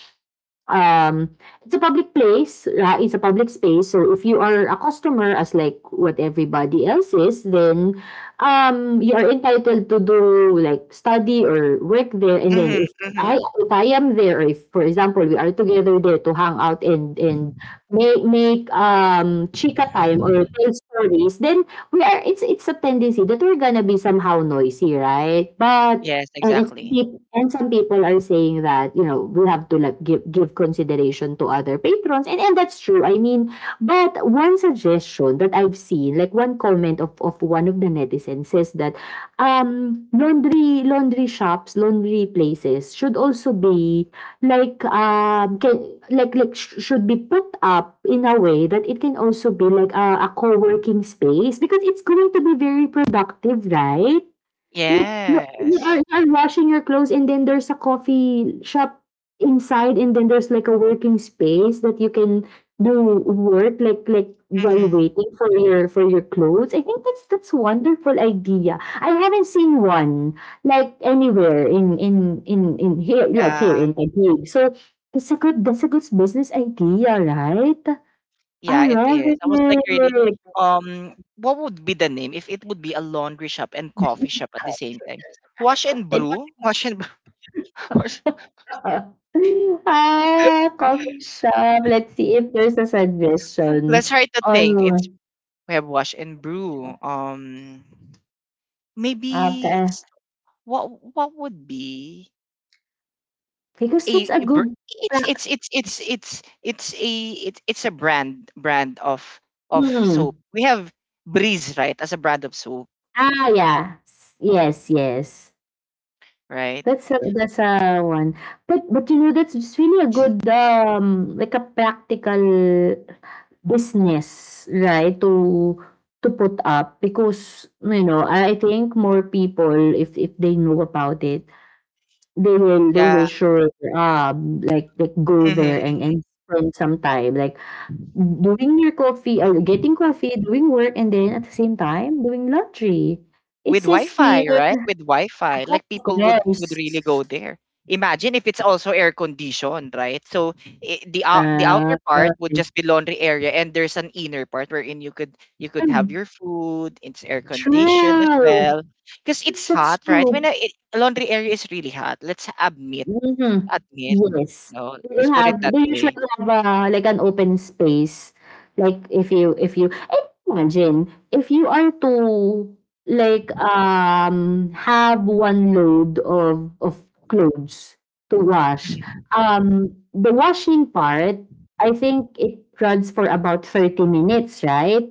[SPEAKER 2] um, it's a public place, it's a public space. So if you are a customer, as like what everybody else is, then you are entitled to do like study or work there. And then
[SPEAKER 1] mm-hmm,
[SPEAKER 2] if
[SPEAKER 1] mm-hmm,
[SPEAKER 2] I if I am there, or if for example we are together there to hang out and make make um chika time or tell stories, then we are it's a tendency that we're gonna be somehow noisy, right?
[SPEAKER 1] yes,
[SPEAKER 2] And it's
[SPEAKER 1] exactly.
[SPEAKER 2] peop and some people are saying that, you know, we have to like give give consideration to other patrons and that's true. I mean, but one suggestion that I've seen, like one comment of one of the netizens says that um laundry laundry shops, laundry places should also be like like should be put up in a way that it can also be like a co-working space because it's going to be very productive, right? Like, no,
[SPEAKER 1] Yes.
[SPEAKER 2] you're washing your clothes and then there's a coffee shop inside and then there's like a working space that you can do work like while
[SPEAKER 1] Mm-hmm.
[SPEAKER 2] waiting for your clothes. I think that's a wonderful idea. I haven't seen one like anywhere in here like
[SPEAKER 1] Yeah.
[SPEAKER 2] here in Taguig. So that's a good, business idea, right?
[SPEAKER 1] Yeah,
[SPEAKER 2] I
[SPEAKER 1] it
[SPEAKER 2] love
[SPEAKER 1] is. I was like really, what would be the name if it would be a laundry shop and coffee shop at the same time? Wash and
[SPEAKER 2] it.
[SPEAKER 1] brew? Wash and wash.
[SPEAKER 2] Oo. Ah, coffee shop. Let's see if there's a suggestion
[SPEAKER 1] Let's try to
[SPEAKER 2] on.
[SPEAKER 1] think. It's we have wash and brew. Maybe
[SPEAKER 2] Okay,
[SPEAKER 1] s- what what would be
[SPEAKER 2] because that's
[SPEAKER 1] a,
[SPEAKER 2] a
[SPEAKER 1] a br-
[SPEAKER 2] good
[SPEAKER 1] it's
[SPEAKER 2] practice.
[SPEAKER 1] it's it's it's it's it's a it's a brand of soap.
[SPEAKER 2] Mm.
[SPEAKER 1] We have Breeze, right, as a brand of soap,
[SPEAKER 2] Ah, yeah. S- Yes, yes.
[SPEAKER 1] right?
[SPEAKER 2] That's a, one. But, you know, that's just really a good, um, like a practical business, right, to put up because, you know, I think more people, if they know about it, they will,
[SPEAKER 1] Yeah.
[SPEAKER 2] sure, like like go
[SPEAKER 1] Mm-hmm,
[SPEAKER 2] there
[SPEAKER 1] mm-hmm.
[SPEAKER 2] and spend some time, like doing your coffee or getting coffee, doing work, and then at the same time doing laundry. It
[SPEAKER 1] With
[SPEAKER 2] says here,
[SPEAKER 1] Wi-Fi, right? With
[SPEAKER 2] of
[SPEAKER 1] Wi-Fi, like people
[SPEAKER 2] course.
[SPEAKER 1] would really go there. Imagine if it's also air conditioned, right? So I the the outer
[SPEAKER 2] Uh,
[SPEAKER 1] part would just be laundry area, and there's an inner part wherein you could have your food. It's air conditioned as
[SPEAKER 2] true.
[SPEAKER 1] well, because
[SPEAKER 2] That's
[SPEAKER 1] it's hot, right? When
[SPEAKER 2] true.
[SPEAKER 1] a laundry area is really hot, let's
[SPEAKER 2] Mhm.
[SPEAKER 1] admit,
[SPEAKER 2] Yes.
[SPEAKER 1] you know,
[SPEAKER 2] They
[SPEAKER 1] let's
[SPEAKER 2] will
[SPEAKER 1] put it
[SPEAKER 2] have,
[SPEAKER 1] that
[SPEAKER 2] they usually
[SPEAKER 1] way.
[SPEAKER 2] have, like an open space. Like if you and imagine, if you are to like, have one load of clothes to wash,
[SPEAKER 1] Mhm.
[SPEAKER 2] the washing part, I think it runs for about 30 minutes, right?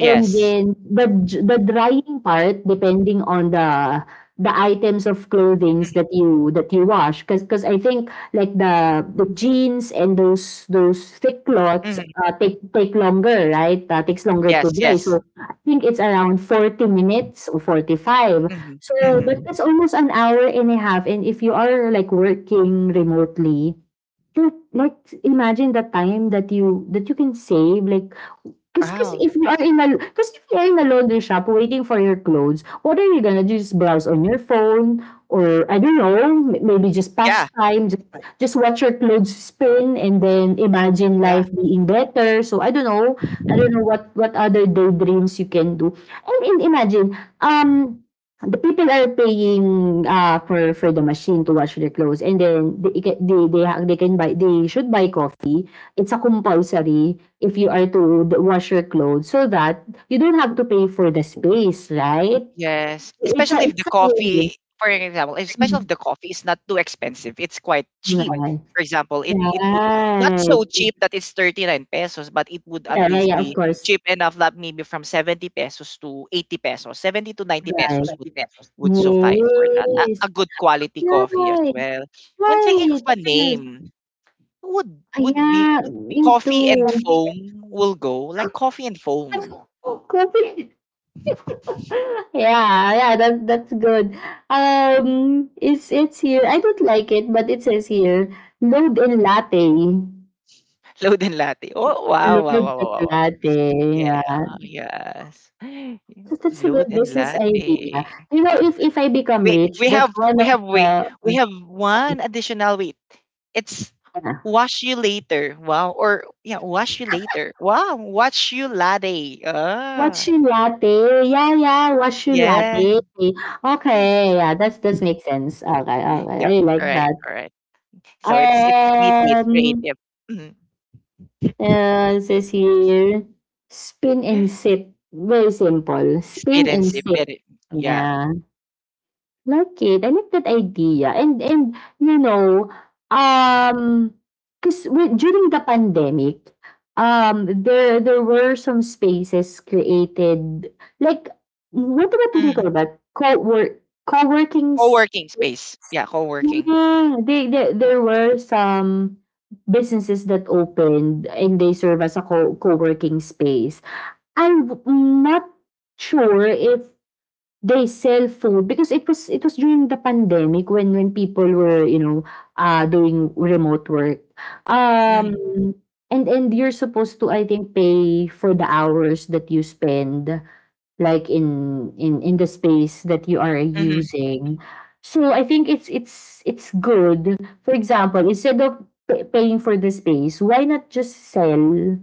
[SPEAKER 2] And then the j the drying part, depending on the items of clothings
[SPEAKER 1] Mhm.
[SPEAKER 2] that you wash because I think like the jeans and those those thick cloths
[SPEAKER 1] Mhm.
[SPEAKER 2] take take longer, right, takes longer to
[SPEAKER 1] Yes.
[SPEAKER 2] dry,
[SPEAKER 1] Yes.
[SPEAKER 2] so I think it's around 40 minutes or 45.
[SPEAKER 1] Hmm.
[SPEAKER 2] So but
[SPEAKER 1] Hmm.
[SPEAKER 2] that's almost an hour and a half, and if you are like working remotely, you like imagine the time that you can save, like 'cause 'cause
[SPEAKER 1] Wow.
[SPEAKER 2] if you are in a 'cause if you are in a laundry shop waiting for your clothes, what are you gonna do? Just browse on your phone, or I don't know, maybe just
[SPEAKER 1] Yeah.
[SPEAKER 2] pass time, just just watch your clothes spin, and then imagine
[SPEAKER 1] Yeah.
[SPEAKER 2] life being better. So I don't know what what other daydreams you can do. And imagine, um, the people are paying, for the machine to wash their clothes, and then they ca they ha they can buy they should buy coffee. It's a compulsory if you are to wash your clothes, so that you don't have to pay for the space, right?
[SPEAKER 1] Yes,
[SPEAKER 2] It's a,
[SPEAKER 1] especially if the
[SPEAKER 2] win-win.
[SPEAKER 1] coffee, for example, especially
[SPEAKER 2] Mhm.
[SPEAKER 1] if the coffee is not too expensive, it's quite cheap.
[SPEAKER 2] Right.
[SPEAKER 1] For example, it would not so
[SPEAKER 2] Right.
[SPEAKER 1] cheap that it's 39 pesos, but it would at
[SPEAKER 2] Yeah, yeah,
[SPEAKER 1] least
[SPEAKER 2] yeah, of
[SPEAKER 1] be
[SPEAKER 2] course.
[SPEAKER 1] cheap enough that maybe from 70 pesos to 80 pesos, 70 to 90
[SPEAKER 2] Right.
[SPEAKER 1] pesos would suffice for that. A
[SPEAKER 2] Yes.
[SPEAKER 1] good quality coffee as
[SPEAKER 2] Right.
[SPEAKER 1] well. I'm thinking of
[SPEAKER 2] Right.
[SPEAKER 1] a
[SPEAKER 2] Yes.
[SPEAKER 1] name. Would be
[SPEAKER 2] Yeah,
[SPEAKER 1] coffee
[SPEAKER 2] into
[SPEAKER 1] and foam will go like coffee and foam.
[SPEAKER 2] coffee. Yeah, yeah, that good. Um, it's here. I don't like it, but it says here, load in latte.
[SPEAKER 1] Load and latte. Oh wow, wow,
[SPEAKER 2] Lord
[SPEAKER 1] wow, wow, wow, wow.
[SPEAKER 2] Eklate, yeah.
[SPEAKER 1] Yeah, yes.
[SPEAKER 2] So that's a
[SPEAKER 1] Load
[SPEAKER 2] good
[SPEAKER 1] and
[SPEAKER 2] business idea.
[SPEAKER 1] latte.
[SPEAKER 2] You know, if I become
[SPEAKER 1] Wait,
[SPEAKER 2] rich, that's one
[SPEAKER 1] we
[SPEAKER 2] of
[SPEAKER 1] have wait.
[SPEAKER 2] the.
[SPEAKER 1] We have one additional wait. It's wash you later. Wow. Or yeah, wash you later. Wow, wash you latte. Ah.
[SPEAKER 2] Watchu latte. Yeah, yeah, Watchu
[SPEAKER 1] Yeah.
[SPEAKER 2] latte. Okay, yeah, that's that makes sense. Okay, okay,
[SPEAKER 1] Yeah.
[SPEAKER 2] I
[SPEAKER 1] All
[SPEAKER 2] like
[SPEAKER 1] right.
[SPEAKER 2] that.
[SPEAKER 1] All right. So it's witty, it's
[SPEAKER 2] Um,
[SPEAKER 1] creative. Mhm.
[SPEAKER 2] it says here, spin and sip. Very simple.
[SPEAKER 1] Speed
[SPEAKER 2] Spin
[SPEAKER 1] and
[SPEAKER 2] and
[SPEAKER 1] safe.
[SPEAKER 2] sip.
[SPEAKER 1] Yeah.
[SPEAKER 2] Yeah. Like it. I like that idea. And you know, um, because during the pandemic, there there were some spaces created. Like, what about do you
[SPEAKER 1] Mm.
[SPEAKER 2] call that? Co work co-working.
[SPEAKER 1] Co-working space. Yeah, co-working.
[SPEAKER 2] Yeah, they, there were some businesses that opened and they serve as a co- co-working space. I'm not sure if they sell food, because it was during the pandemic when when people were, you know, doing remote work. Um,
[SPEAKER 1] Mm-hmm.
[SPEAKER 2] and you're supposed to, I think, pay for the hours that you spend, like in in the space that you are
[SPEAKER 1] Mm-hmm.
[SPEAKER 2] using. So I think it's good, for example, instead of paying for the space, why not just sell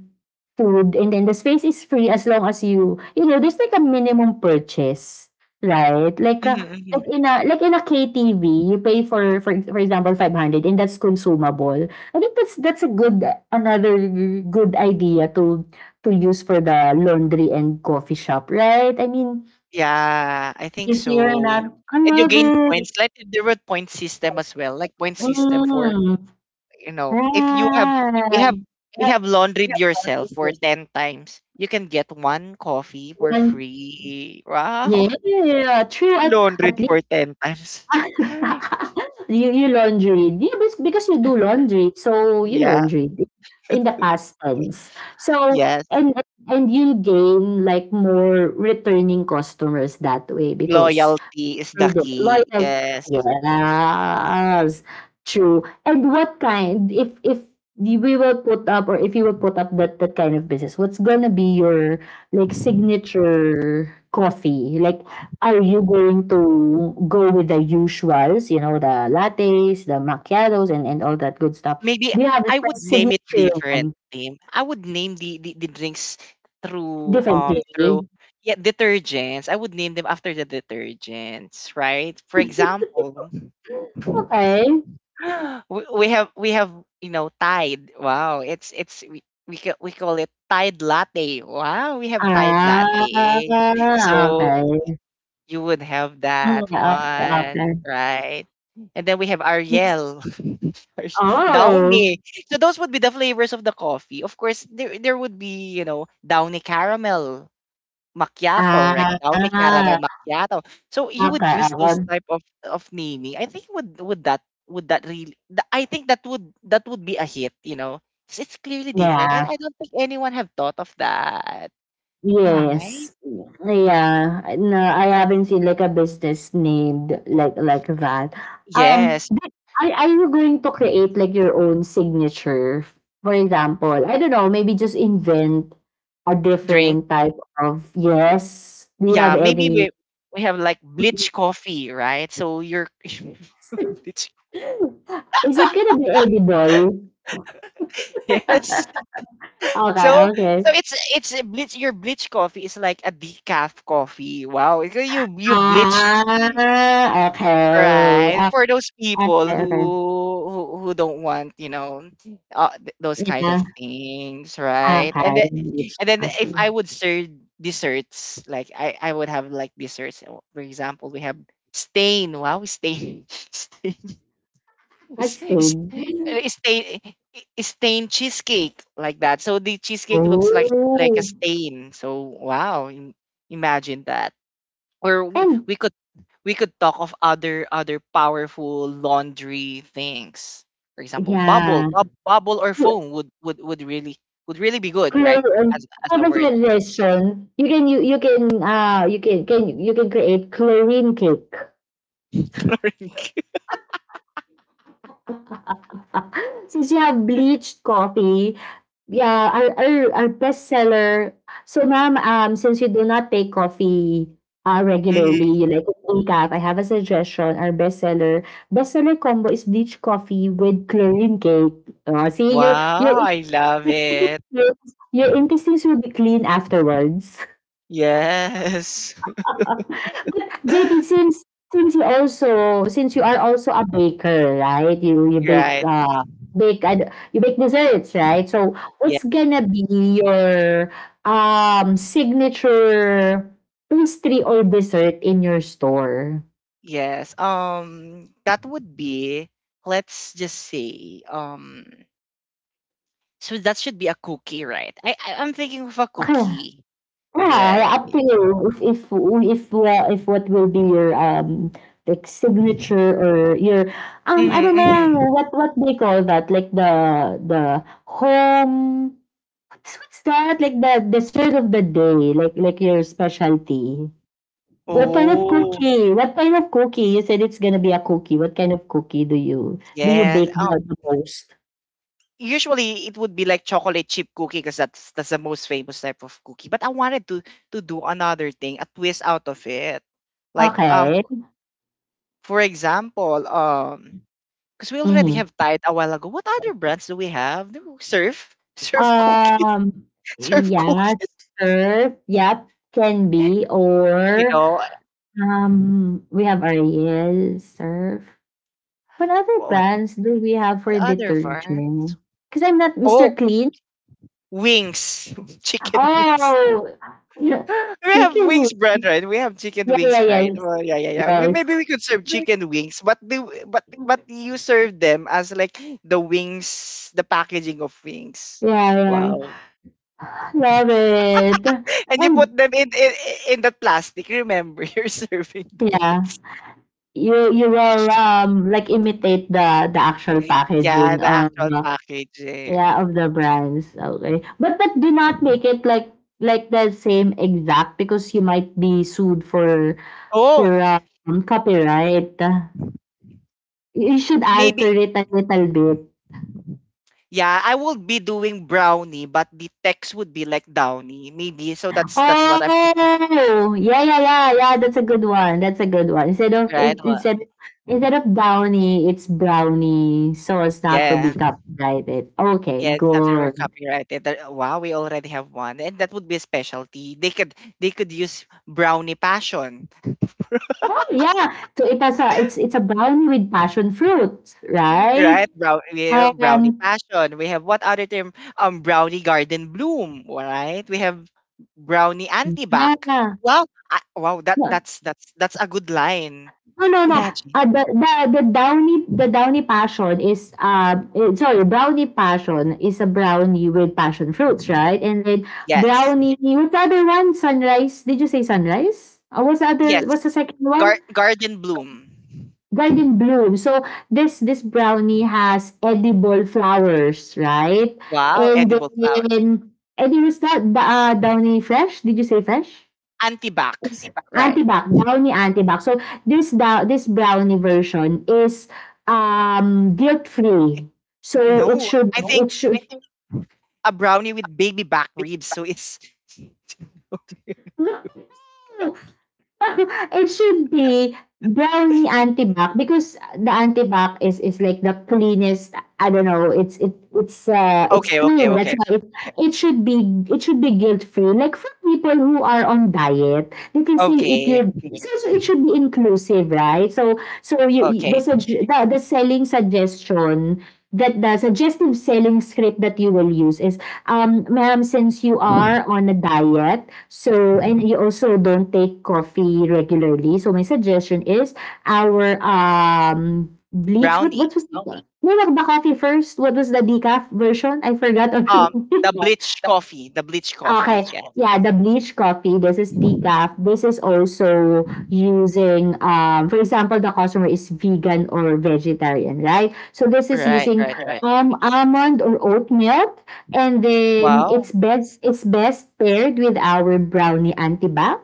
[SPEAKER 2] food and then the space is free, as long as you know, there's like a minimum purchase, right, like
[SPEAKER 1] Mm-hmm,
[SPEAKER 2] a,
[SPEAKER 1] mm-hmm.
[SPEAKER 2] like in a, KTV you pay for example 500, and that's consumable. I think that's a good, another good idea to use for the laundry and coffee shop, right? I mean,
[SPEAKER 1] Yeah, I think
[SPEAKER 2] if you're
[SPEAKER 1] so.
[SPEAKER 2] not, I
[SPEAKER 1] And you gain
[SPEAKER 2] love
[SPEAKER 1] points.
[SPEAKER 2] it.
[SPEAKER 1] Like there were point system as well, like point system for
[SPEAKER 2] Mm.
[SPEAKER 1] you know, if you have you
[SPEAKER 2] Right.
[SPEAKER 1] have you have laundried yourself for 10 times, you can get one coffee for
[SPEAKER 2] Then-
[SPEAKER 1] free. Wow,
[SPEAKER 2] Yeah, true.
[SPEAKER 1] laundried
[SPEAKER 2] At least
[SPEAKER 1] for 10 times.
[SPEAKER 2] you laundry. Yeah, because you do laundry, so you
[SPEAKER 1] Yeah,
[SPEAKER 2] laundry in the past tense. So
[SPEAKER 1] yes.
[SPEAKER 2] and and you'll gain like more returning customers that way because.
[SPEAKER 1] Loyalty is the
[SPEAKER 2] Although
[SPEAKER 1] key.
[SPEAKER 2] loyal
[SPEAKER 1] Yes.
[SPEAKER 2] yes, true. And what kind, if the- we will put up, or if you will put up that kind of business, what's gonna be your like signature coffee? Like are you going to go with the usuals, you know, the lattes, the macchiatos, and all that good stuff?
[SPEAKER 1] Maybe
[SPEAKER 2] Do you have a
[SPEAKER 1] I would name it
[SPEAKER 2] signature one
[SPEAKER 1] differently. I would name the drinks through um
[SPEAKER 2] differently?
[SPEAKER 1] through yeah detergents. I would name them after the detergents, right? For example,
[SPEAKER 2] Okay.
[SPEAKER 1] we have we have you know Tide. Wow, it's we, ca- we call it Tide latte. Wow, we have Tide
[SPEAKER 2] Ah,
[SPEAKER 1] latte. So
[SPEAKER 2] okay.
[SPEAKER 1] you would have
[SPEAKER 2] Mm,
[SPEAKER 1] that
[SPEAKER 2] okay, okay.
[SPEAKER 1] one, right? And then we have Ariel, Ar-
[SPEAKER 2] Oh.
[SPEAKER 1] Downy. So those would be the flavors of the coffee. Of course, there would be, you know, Downy caramel macchiato, right?
[SPEAKER 2] Ah,
[SPEAKER 1] Downy caramel macchiato. So you would
[SPEAKER 2] okay,
[SPEAKER 1] use those
[SPEAKER 2] um,
[SPEAKER 1] type of naming. I think would that really I think that would be a hit, you know. It's clearly different and
[SPEAKER 2] yeah.
[SPEAKER 1] I don't think anyone have thought of that. Wow. Right?
[SPEAKER 2] Yes. Yeah. No, I haven't seen like a business named like that. Um,
[SPEAKER 1] Yes,
[SPEAKER 2] but are you going to create like your own signature? For example, I don't know, maybe just invent a
[SPEAKER 1] drink.
[SPEAKER 2] different type of, yes. Do you
[SPEAKER 1] Yeah,
[SPEAKER 2] have
[SPEAKER 1] maybe
[SPEAKER 2] any?
[SPEAKER 1] we have like bleach coffee, right? So you're bleach.
[SPEAKER 2] Is it gonna be edible?
[SPEAKER 1] Yes. So
[SPEAKER 2] Okay,
[SPEAKER 1] so
[SPEAKER 2] okay.
[SPEAKER 1] it's a bleach. Your bleach coffee is like a decaf coffee. Wow. You bleach.
[SPEAKER 2] Ah, okay.
[SPEAKER 1] Right.
[SPEAKER 2] Ah,
[SPEAKER 1] For those people
[SPEAKER 2] okay, okay.
[SPEAKER 1] who don't want, you know, those kind of
[SPEAKER 2] Yeah,
[SPEAKER 1] things, right?
[SPEAKER 2] okay, it's
[SPEAKER 1] And then if
[SPEAKER 2] coffee.
[SPEAKER 1] I would serve desserts, like I would have like desserts. For example, we have stain. Wow, stain.
[SPEAKER 2] I
[SPEAKER 1] s- s-
[SPEAKER 2] see.
[SPEAKER 1] uh, stain stain cheesecake like that. So the cheesecake looks like a
[SPEAKER 2] Oh,
[SPEAKER 1] stain. So wow, imagine that. Or
[SPEAKER 2] and
[SPEAKER 1] we could talk of other other powerful laundry things. For example,
[SPEAKER 2] yeah,
[SPEAKER 1] bubble or
[SPEAKER 2] you
[SPEAKER 1] foam would, would really be good, right?
[SPEAKER 2] create,
[SPEAKER 1] As a word.
[SPEAKER 2] congratulations. You can, you can create chlorine cake. Since you have bleached coffee, yeah, our our bestseller. So ma'am, since you do not take coffee, regularly,
[SPEAKER 1] Mhm.
[SPEAKER 2] you like in decaf, I have a suggestion, our bestseller, bestseller combo is bleach coffee with chlorine cake. Oh, see, your your
[SPEAKER 1] Wow, I love it.
[SPEAKER 2] your your intestines will be clean afterwards.
[SPEAKER 1] Yes.
[SPEAKER 2] Uh, But JP, since you are also a baker, right? You bake
[SPEAKER 1] Right.
[SPEAKER 2] bake you bake desserts, right? So
[SPEAKER 1] Yeah.
[SPEAKER 2] what's gonna be your signature pastry or dessert in your store?
[SPEAKER 1] Yes. That would be, let's just say, so that should be a cookie, right? I'm thinking of a
[SPEAKER 2] Okay.
[SPEAKER 1] cookie,
[SPEAKER 2] Yeah,
[SPEAKER 1] right?
[SPEAKER 2] up to you. If, if what will be your like signature or your I don't
[SPEAKER 1] Mm-hmm,
[SPEAKER 2] know
[SPEAKER 1] mm-hmm.
[SPEAKER 2] what what they call that, like the home. So what's that? Like the dessert of the day, like like your specialty. What kind of
[SPEAKER 1] Oh,
[SPEAKER 2] cookie? What kind of cookie? You said it's gonna be a cookie. What kind of cookie do you
[SPEAKER 1] yes.
[SPEAKER 2] bake the most?
[SPEAKER 1] Usually it would be like chocolate chip cookie because that's the most famous type of cookie. But I wanted to do another thing, a twist out of it. Like
[SPEAKER 2] Okay.
[SPEAKER 1] for example, because we already
[SPEAKER 2] Hmm.
[SPEAKER 1] have Tide a while ago. What other brands do we have? Do we Surf, surf cookies.
[SPEAKER 2] Um.
[SPEAKER 1] Serve
[SPEAKER 2] Yeah.
[SPEAKER 1] cookies,
[SPEAKER 2] Sure. Yep. Can be
[SPEAKER 1] you
[SPEAKER 2] or
[SPEAKER 1] know.
[SPEAKER 2] um. We have Ariel surf. What other
[SPEAKER 1] What
[SPEAKER 2] brands do we have
[SPEAKER 1] what
[SPEAKER 2] for
[SPEAKER 1] other bar?
[SPEAKER 2] detergent? Because I'm not
[SPEAKER 1] Oh,
[SPEAKER 2] Mr. Clean.
[SPEAKER 1] wings, chicken wings.
[SPEAKER 2] Oh, yeah.
[SPEAKER 1] We have
[SPEAKER 2] Chicken
[SPEAKER 1] wings brand, right? We have chicken
[SPEAKER 2] yeah, yeah,
[SPEAKER 1] wings, right?
[SPEAKER 2] yes.
[SPEAKER 1] Well, yeah, yeah, yeah. We,
[SPEAKER 2] Yes.
[SPEAKER 1] maybe we could serve chicken wings, but the but you serve them as like the wings, the packaging of wings.
[SPEAKER 2] Yeah,
[SPEAKER 1] Wow.
[SPEAKER 2] yeah. Love it.
[SPEAKER 1] And you put
[SPEAKER 2] And
[SPEAKER 1] them in that plastic. Remember, you're serving
[SPEAKER 2] yeah,
[SPEAKER 1] those.
[SPEAKER 2] you will, like, imitate the actual
[SPEAKER 1] Yeah,
[SPEAKER 2] packaging
[SPEAKER 1] the
[SPEAKER 2] of
[SPEAKER 1] actual
[SPEAKER 2] the,
[SPEAKER 1] packaging.
[SPEAKER 2] yeah, of the brands, okay. But do not make it like the same exact because you might be sued for,
[SPEAKER 1] Oh,
[SPEAKER 2] um, copyright. You should
[SPEAKER 1] maybe
[SPEAKER 2] alter it a little bit.
[SPEAKER 1] yeah, I will be doing brownie, but the text would be like downy, maybe. So that's what I'm thinking,
[SPEAKER 2] Oh, yeah, yeah, yeah, yeah, that's a good one, that's a good one.
[SPEAKER 1] right? Well,
[SPEAKER 2] Instead instead of brownie, it's brownie, so as not to
[SPEAKER 1] yeah,
[SPEAKER 2] be copyrighted. Okay,
[SPEAKER 1] yeah, it's something we're
[SPEAKER 2] good.
[SPEAKER 1] copyrighted. There- Wow, we already have one, and that would be a specialty. They could use brownie passion,
[SPEAKER 2] Oh, yeah, so it has a, it's a brownie with passion fruit, right?
[SPEAKER 1] right? Yeah, brownie
[SPEAKER 2] Um,
[SPEAKER 1] passion. We have what other term? Brownie garden bloom, right? We have brownie antibac.
[SPEAKER 2] yeah.
[SPEAKER 1] Wow, wow, that
[SPEAKER 2] Yeah.
[SPEAKER 1] that's a good line.
[SPEAKER 2] No, no, no.
[SPEAKER 1] Imagine.
[SPEAKER 2] The, downy, passion is, sorry, brownie passion is a brownie with passion fruits, right? And then
[SPEAKER 1] Yes.
[SPEAKER 2] brownie, what's the other one, sunrise? Did you say sunrise? What's the other,
[SPEAKER 1] Yes.
[SPEAKER 2] what's the second one?
[SPEAKER 1] Garden bloom.
[SPEAKER 2] Garden bloom. So this, brownie has edible flowers, right?
[SPEAKER 1] Wow,
[SPEAKER 2] And
[SPEAKER 1] edible flower.
[SPEAKER 2] then, and it was that the downy fresh, did you say fresh?
[SPEAKER 1] Antibac, right?
[SPEAKER 2] Antibac, brownie antibac. So, this da this brownie version is, guilt free. So, it
[SPEAKER 1] No,
[SPEAKER 2] should
[SPEAKER 1] I think
[SPEAKER 2] it should
[SPEAKER 1] a brownie with baby back ribs. So it's
[SPEAKER 2] It should be brownie antibac because the antibac is like the cleanest. I don't know. It's it's
[SPEAKER 1] okay, okay,
[SPEAKER 2] clean. That's
[SPEAKER 1] okay,
[SPEAKER 2] why it, it should be it should be guilt free. Like for people who are on diet, they can still eat
[SPEAKER 1] okay,
[SPEAKER 2] your. So it should be inclusive, right? So you you- the
[SPEAKER 1] okay.
[SPEAKER 2] sugge- the, the selling suggestion that the suggestive selling script that you will use is, ma'am, since you are on a diet. So, and you also don't take coffee regularly. So, my suggestion is our bleach. What
[SPEAKER 1] Brownie.
[SPEAKER 2] was the, no, like the coffee first? What was the decaf version? I forgot
[SPEAKER 1] Um,
[SPEAKER 2] already.
[SPEAKER 1] the bleach coffee, the bleach
[SPEAKER 2] Okay.
[SPEAKER 1] coffee. Yes.
[SPEAKER 2] Yeah, the bleach coffee, this is decaf. This is also using, for example, the customer is vegan or vegetarian, right? So this is
[SPEAKER 1] Right,
[SPEAKER 2] using,
[SPEAKER 1] right, right.
[SPEAKER 2] almond or oat milk, and then it's
[SPEAKER 1] Wow.
[SPEAKER 2] best it's best paired with our brownie antibac.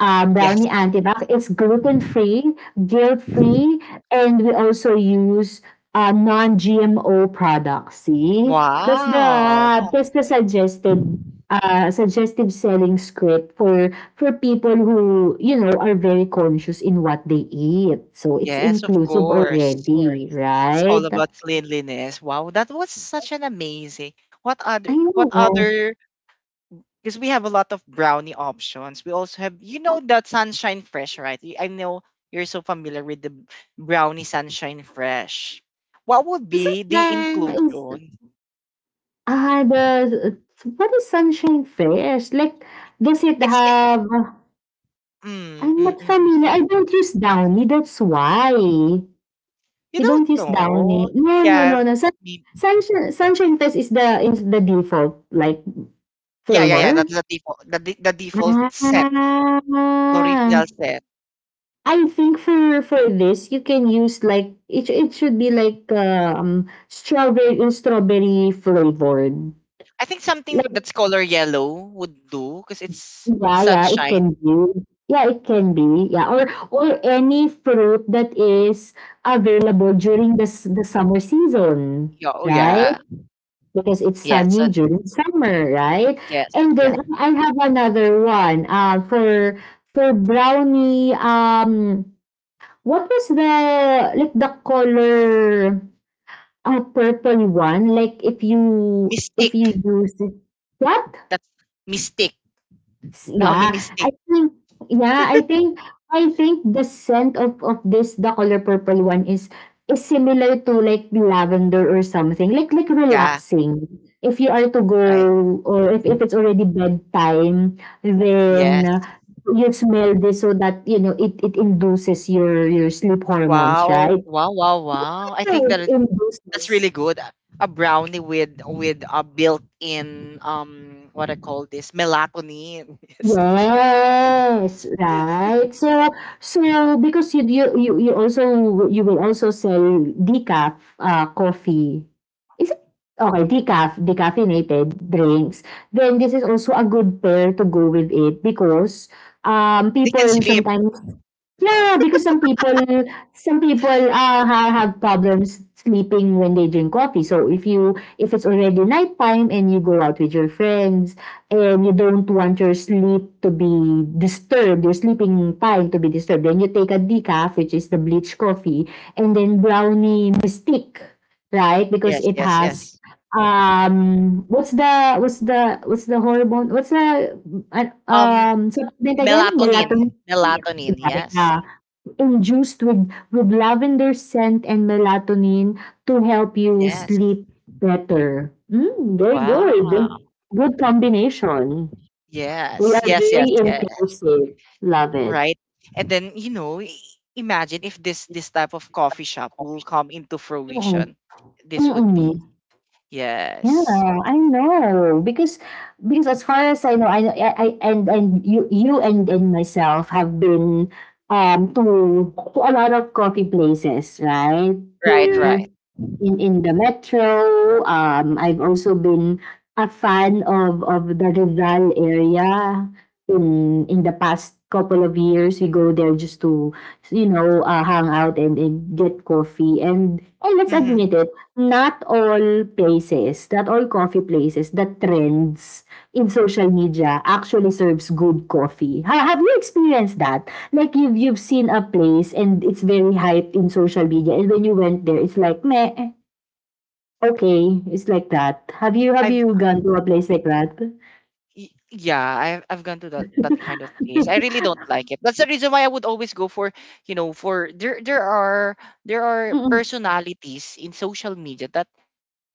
[SPEAKER 1] Yes.
[SPEAKER 2] Brownie antibac, it's gluten free, guilt free, and we also use, non GMO products. See, that's the,
[SPEAKER 1] Wow.
[SPEAKER 2] yeah, that's the suggested, suggestive selling script for people who are very conscious in what they eat. So it's
[SPEAKER 1] Yes, of
[SPEAKER 2] inclusive
[SPEAKER 1] course.
[SPEAKER 2] already,
[SPEAKER 1] It's
[SPEAKER 2] right?
[SPEAKER 1] all about cleanliness. Wow, that was such an amazing.
[SPEAKER 2] I
[SPEAKER 1] What
[SPEAKER 2] know.
[SPEAKER 1] other because we have a lot of brownie options. We also have, you know, that Sunshine Fresh, right? I know you're so familiar with the brownie Sunshine Fresh. What would
[SPEAKER 2] Is it
[SPEAKER 1] be the
[SPEAKER 2] the is
[SPEAKER 1] inclusion?
[SPEAKER 2] the What is Sunshine Fest? Like, does it
[SPEAKER 1] It's it,
[SPEAKER 2] have?
[SPEAKER 1] mm,
[SPEAKER 2] I'm
[SPEAKER 1] mm,
[SPEAKER 2] not
[SPEAKER 1] mm.
[SPEAKER 2] familiar. I
[SPEAKER 1] Mm.
[SPEAKER 2] don't use Downy. That's why we
[SPEAKER 1] You don't
[SPEAKER 2] don't use
[SPEAKER 1] know.
[SPEAKER 2] Downy. No, no,
[SPEAKER 1] Yeah,
[SPEAKER 2] no, no. Sun,
[SPEAKER 1] me-
[SPEAKER 2] Sunshine Sunshine Fest is the default, like,
[SPEAKER 1] yeah, yeah, yeah.
[SPEAKER 2] flavor.
[SPEAKER 1] That's the default, the default
[SPEAKER 2] Ah,
[SPEAKER 1] set, the original set.
[SPEAKER 2] I think for this, you can use, like, it should be like, strawberry strawberry flavored.
[SPEAKER 1] I think
[SPEAKER 2] Like,
[SPEAKER 1] something that's color yellow would do because it's
[SPEAKER 2] yeah, yeah, it can
[SPEAKER 1] sunshine.
[SPEAKER 2] be. Yeah, it can be. Yeah, or any fruit that is available during the summer season,
[SPEAKER 1] Yeah, oh
[SPEAKER 2] right?
[SPEAKER 1] yeah,
[SPEAKER 2] Because it's
[SPEAKER 1] yeah. So
[SPEAKER 2] sunny during summer, right?
[SPEAKER 1] yes,
[SPEAKER 2] And then
[SPEAKER 1] yeah.
[SPEAKER 2] I have another one. For brownie. What was the, like, the color, purple one? Like, if you if
[SPEAKER 1] Mystic.
[SPEAKER 2] you use it, what?
[SPEAKER 1] That's mystic. Brownie
[SPEAKER 2] Yeah, I
[SPEAKER 1] mistake.
[SPEAKER 2] think, yeah, I think the scent of this, the color purple one is similar to, like, lavender or something, like,
[SPEAKER 1] Yeah,
[SPEAKER 2] relaxing. If you are to go,
[SPEAKER 1] right.
[SPEAKER 2] or if it's already bedtime, then,
[SPEAKER 1] Yes.
[SPEAKER 2] you smell this so that, it induces your sleep hormones,
[SPEAKER 1] Wow.
[SPEAKER 2] right?
[SPEAKER 1] Wow, wow, wow. I think
[SPEAKER 2] Right, in
[SPEAKER 1] that's really
[SPEAKER 2] business.
[SPEAKER 1] good. A brownie with a built-in what I call this melatonin. Yes.
[SPEAKER 2] Yes, right. So because you will also sell decaf, coffee. Is it okay, decaf, decaffeinated drinks, then this is also a good pair to go with it because,
[SPEAKER 1] They can
[SPEAKER 2] people
[SPEAKER 1] sleep.
[SPEAKER 2] sometimes. Yeah, because some people have problems sleeping when they drink coffee. So if it's already nighttime and you go out with your friends and you don't want your sleep to be disturbed, your sleeping time to be disturbed, then you take a decaf, which is the bleach coffee, and then brownie mystique, right? Because
[SPEAKER 1] Yes,
[SPEAKER 2] it
[SPEAKER 1] yes,
[SPEAKER 2] has,
[SPEAKER 1] yes.
[SPEAKER 2] what's the hormone, what's the
[SPEAKER 1] Um
[SPEAKER 2] um supplement again,
[SPEAKER 1] melatonin.
[SPEAKER 2] melatonin.
[SPEAKER 1] Melatonin.
[SPEAKER 2] Yeah,
[SPEAKER 1] Yes.
[SPEAKER 2] yeah. Induced with lavender scent and melatonin to help you
[SPEAKER 1] Yes.
[SPEAKER 2] sleep better. Mm, very good.
[SPEAKER 1] Wow.
[SPEAKER 2] Good combination. We
[SPEAKER 1] Yes.
[SPEAKER 2] are
[SPEAKER 1] Yes, yes,
[SPEAKER 2] very
[SPEAKER 1] yeah.
[SPEAKER 2] inclusive. Love it.
[SPEAKER 1] Right. And then, imagine if this type of coffee shop will come into fruition. This would
[SPEAKER 2] Mm, mm.
[SPEAKER 1] be, yes.
[SPEAKER 2] Yeah, I know, because as far as I know, I and you and myself have been, to a lot of coffee places, right? Mm-hmm.
[SPEAKER 1] Right,
[SPEAKER 2] Here
[SPEAKER 1] right.
[SPEAKER 2] in the metro. I've also been a fan of the Rizal area in the past couple of years. We go there just to, hang out and, get coffee, and let's
[SPEAKER 1] Hmm.
[SPEAKER 2] admit it, not all places, not all coffee places that trends in social media actually serves good coffee. Have you experienced that? Like, you've seen a place and it's very hyped in social media, and when you went there, it's like, meh, okay, it's like that. Have you have
[SPEAKER 1] I've
[SPEAKER 2] you gone to a place like that?
[SPEAKER 1] yeah, I've gone to that kind of place. I really don't like it. That's the reason why I would always go for, for there there are
[SPEAKER 2] Mm-mm.
[SPEAKER 1] personalities in social media that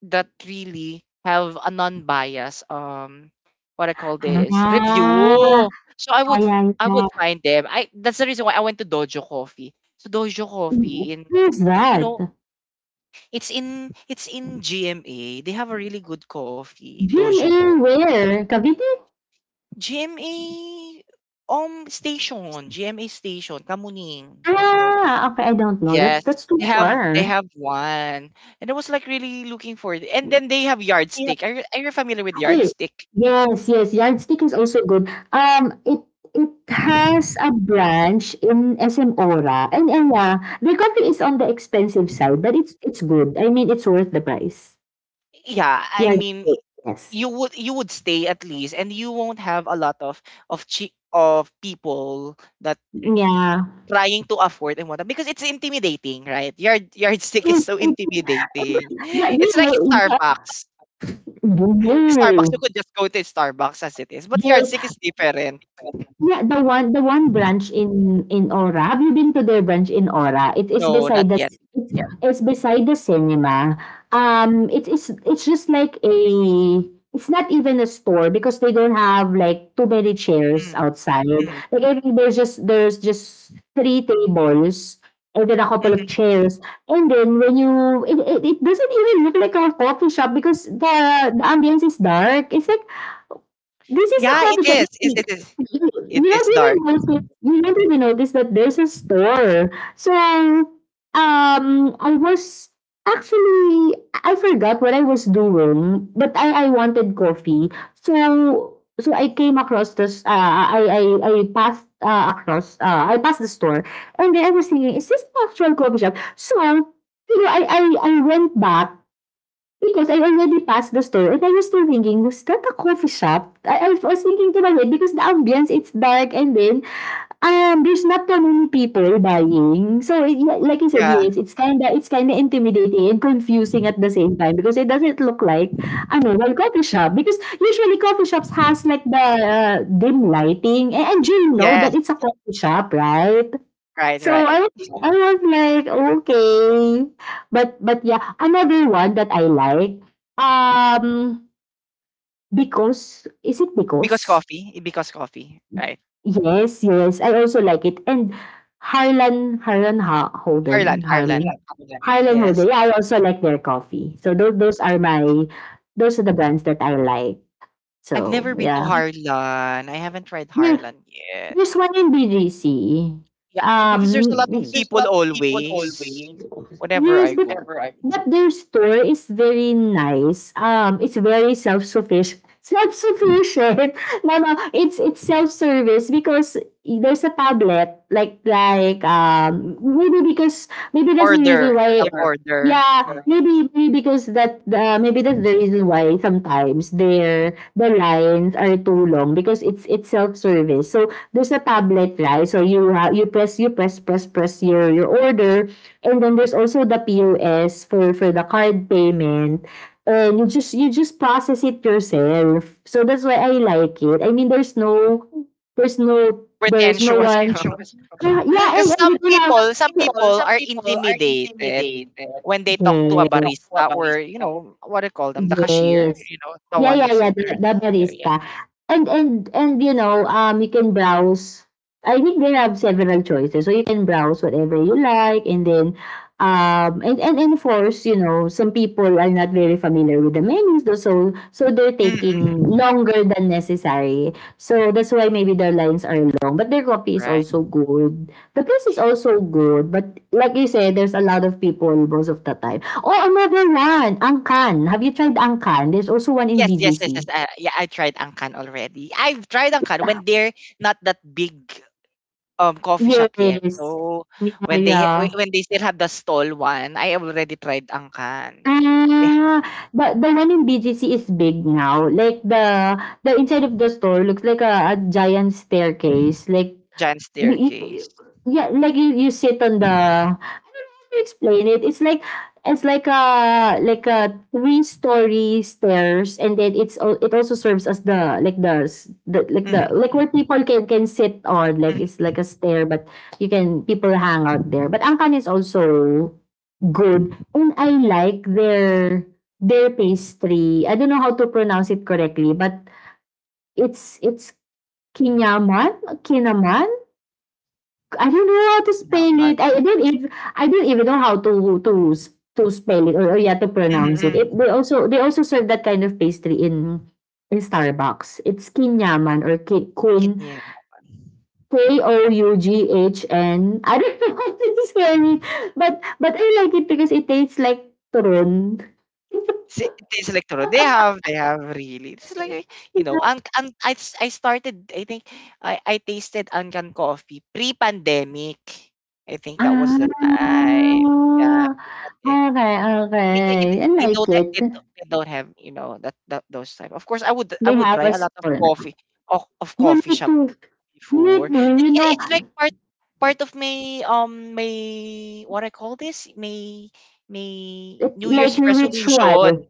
[SPEAKER 1] that really have a non-bias what I call this review.
[SPEAKER 2] Ah,
[SPEAKER 1] So
[SPEAKER 2] ayan
[SPEAKER 1] I
[SPEAKER 2] na.
[SPEAKER 1] would find them. I That's the reason why I went to Dojo Coffee. So Dojo
[SPEAKER 2] Mm,
[SPEAKER 1] Coffee in,
[SPEAKER 2] where's
[SPEAKER 1] you know
[SPEAKER 2] that?
[SPEAKER 1] it's in GMA. They have a really good coffee, Dojo
[SPEAKER 2] GMA
[SPEAKER 1] Co.
[SPEAKER 2] where? Cavite?
[SPEAKER 1] GMA station, GMA station, Kamuning.
[SPEAKER 2] Ah, okay, I don't know. That's
[SPEAKER 1] Yes,
[SPEAKER 2] that's too far.
[SPEAKER 1] they have one, and I was like really looking for it. And then they have Yardstick. Are you familiar with
[SPEAKER 2] Oh,
[SPEAKER 1] Yardstick?
[SPEAKER 2] yes, yes, yardsticks is also good. It has a branch in SM Aura, and, yeah, the coffee is on the expensive side, but it's good. I mean, it's worth the price.
[SPEAKER 1] Yeah, I mean
[SPEAKER 2] Yardstick, yes,
[SPEAKER 1] you would stay at least, and you won't have a lot of of people that
[SPEAKER 2] yeah.
[SPEAKER 1] trying to afford and whatnot because it's intimidating, right? Yardstick is
[SPEAKER 2] It,
[SPEAKER 1] so
[SPEAKER 2] it,
[SPEAKER 1] intimidating.
[SPEAKER 2] yeah, you
[SPEAKER 1] It's like
[SPEAKER 2] know,
[SPEAKER 1] Starbucks.
[SPEAKER 2] yeah,
[SPEAKER 1] Starbucks, you could just go to Starbucks as it is, but Yardstick
[SPEAKER 2] yeah,
[SPEAKER 1] is different.
[SPEAKER 2] yeah, the one branch in Ora. Have you been to their branch in Ora? It is
[SPEAKER 1] No, not
[SPEAKER 2] beside the
[SPEAKER 1] yet.
[SPEAKER 2] c- it's, Yeah, it's beside the cinema. It is it's just like a it's not even a store because they don't have like too many chairs
[SPEAKER 1] Mm,
[SPEAKER 2] outside.
[SPEAKER 1] mhm,
[SPEAKER 2] Like, I think there's just three tables and then a couple of
[SPEAKER 1] mhm.
[SPEAKER 2] chairs. And then when you it doesn't even look like a coffee shop because the ambience is dark. It's like, this is a
[SPEAKER 1] Yeah, it
[SPEAKER 2] coffee shop.
[SPEAKER 1] is. It is. It
[SPEAKER 2] You
[SPEAKER 1] is
[SPEAKER 2] don't
[SPEAKER 1] dark.
[SPEAKER 2] even notice you don't even notice that there's a store. So, I was actually I forgot what I was doing, but I wanted coffee. So I came across this. I passed, across. I passed the store, and then I was thinking, is this an actual coffee shop? So, I went back. Because I already passed the store and I was still thinking, was that a coffee shop? I was thinking to my head because the ambience, it's dark, and then, there's not that many people buying. Yeah, like I said,
[SPEAKER 1] Yeah.
[SPEAKER 2] yes, it's kinda intimidating and confusing at the same time because it doesn't look like a normal coffee shop. Because usually coffee shops has like the, dim lighting, and, you know that
[SPEAKER 1] Yes.
[SPEAKER 2] it's a coffee shop, right?
[SPEAKER 1] Right.
[SPEAKER 2] So I
[SPEAKER 1] Right.
[SPEAKER 2] was I was like, okay. But yeah, another one that I like. Um because, is it
[SPEAKER 1] Because
[SPEAKER 2] Because?
[SPEAKER 1] coffee. Because coffee. Right.
[SPEAKER 2] Yes, yes. I also like it. And Harlan Harlan ha-
[SPEAKER 1] Harlan.
[SPEAKER 2] Holden. Harlan
[SPEAKER 1] Harlan.
[SPEAKER 2] Harlan Holden.
[SPEAKER 1] Yes.
[SPEAKER 2] Yeah, I also like their coffee. So those are the brands that I like.
[SPEAKER 1] I've
[SPEAKER 2] So
[SPEAKER 1] never been to
[SPEAKER 2] yeah.
[SPEAKER 1] Harlan. I haven't tried
[SPEAKER 2] There-
[SPEAKER 1] Harlan yet.
[SPEAKER 2] There's one in BGC.
[SPEAKER 1] Yeah, and
[SPEAKER 2] Um
[SPEAKER 1] because there's a lot of people always whenever
[SPEAKER 2] Yes,
[SPEAKER 1] I
[SPEAKER 2] but
[SPEAKER 1] go.
[SPEAKER 2] their store is very nice. It's very self-sufficient. Self-sufficient. No, no, it's self-service because there's a tablet. Like, like um maybe because, maybe that's the
[SPEAKER 1] Order,
[SPEAKER 2] reason why,
[SPEAKER 1] self-order.
[SPEAKER 2] yeah,
[SPEAKER 1] Mm.
[SPEAKER 2] maybe maybe because that, maybe that's the reason why sometimes the lines are too long because it's self service. So there's a tablet, right, so you press press press your order. And then there's also the POS for the card payment. And you just process it yourself. So that's why I like it. I mean, there's no
[SPEAKER 1] Pretentious.
[SPEAKER 2] one. Yeah, yeah, and,
[SPEAKER 1] Because
[SPEAKER 2] you don't have
[SPEAKER 1] some
[SPEAKER 2] some
[SPEAKER 1] people are intimidated
[SPEAKER 2] to
[SPEAKER 1] when they
[SPEAKER 2] talk,
[SPEAKER 1] talk to a barista or,
[SPEAKER 2] yes.
[SPEAKER 1] you know, what do you call them? The cashier,
[SPEAKER 2] Yes.
[SPEAKER 1] you know, the
[SPEAKER 2] Yeah,
[SPEAKER 1] one
[SPEAKER 2] yeah,
[SPEAKER 1] that's
[SPEAKER 2] yeah,
[SPEAKER 1] in
[SPEAKER 2] the,
[SPEAKER 1] the
[SPEAKER 2] the
[SPEAKER 1] reception area.
[SPEAKER 2] barista. And, you know, um you can browse. I think they have several choices. So you can browse whatever you like and then, and of course, some people are not very familiar with the menus though, so they're taking
[SPEAKER 1] Mm-hmm.
[SPEAKER 2] longer than necessary. So that's why maybe their lines are long. But their coffee is
[SPEAKER 1] Right.
[SPEAKER 2] also good. The place is also good, but like you said, there's a lot of people most of the time. Oh, another one, Angkan. Have you tried Angkan? There's also one in
[SPEAKER 1] Yes, yes,
[SPEAKER 2] BGC.
[SPEAKER 1] yes, yes. Yeah, I tried Angkan already. I've tried Angkan when they're not that big coffee shop yet.
[SPEAKER 2] Yes.
[SPEAKER 1] So,
[SPEAKER 2] Yeah,
[SPEAKER 1] when they
[SPEAKER 2] yeah.
[SPEAKER 1] when they still have the stall one, I already tried Angkan. They have
[SPEAKER 2] Ah, the one in BGC is big now. Like the inside of the store looks like a giant staircase. Like,
[SPEAKER 1] giant
[SPEAKER 2] You
[SPEAKER 1] staircase.
[SPEAKER 2] yeah, like, you sit on the. I don't know how to explain it. It's like a, like a three story stairs, and then, it also serves as the, like the,
[SPEAKER 1] Mhm,
[SPEAKER 2] like where
[SPEAKER 1] mhm,
[SPEAKER 2] people can sit on. Like
[SPEAKER 1] mhm,
[SPEAKER 2] it's
[SPEAKER 1] mhm,
[SPEAKER 2] like a stair, but you can people hang out there. But Angkan is also good, and I like their pastry. I don't know how to pronounce it correctly, but it's kinyaman, kinaman. I don't know how to spell
[SPEAKER 1] naman.
[SPEAKER 2] it. I don't even know how to spell it, or yeah, to
[SPEAKER 1] Mhm,
[SPEAKER 2] pronounce it.
[SPEAKER 1] mhm,
[SPEAKER 2] They also serve that kind of pastry in Starbucks. It's kinyaman or, queen
[SPEAKER 1] kinye naman.
[SPEAKER 2] KOUGHN. I don't know how to spell it, but I like it because it tastes like turon.
[SPEAKER 1] Taste Electro, they have really. It's like, eh, you know, I started, I think, I tasted Ancan coffee pre-pandemic. I think that was the
[SPEAKER 2] Ah,
[SPEAKER 1] time. Yeah, pre-pandemic.
[SPEAKER 2] okay,
[SPEAKER 1] It
[SPEAKER 2] okay. I
[SPEAKER 1] they don't
[SPEAKER 2] like
[SPEAKER 1] ha
[SPEAKER 2] it.
[SPEAKER 1] they don't have, you know, that those type. Of course, I
[SPEAKER 2] They
[SPEAKER 1] would
[SPEAKER 2] have
[SPEAKER 1] try
[SPEAKER 2] a
[SPEAKER 1] a lot of
[SPEAKER 2] store now.
[SPEAKER 1] coffee of of
[SPEAKER 2] Yeah,
[SPEAKER 1] coffee
[SPEAKER 2] me
[SPEAKER 1] shop
[SPEAKER 2] too. Me
[SPEAKER 1] before.
[SPEAKER 2] too. You know,
[SPEAKER 1] It's like part part of my my what I call this my
[SPEAKER 2] like,
[SPEAKER 1] New Year's
[SPEAKER 2] ritual after
[SPEAKER 1] resolution.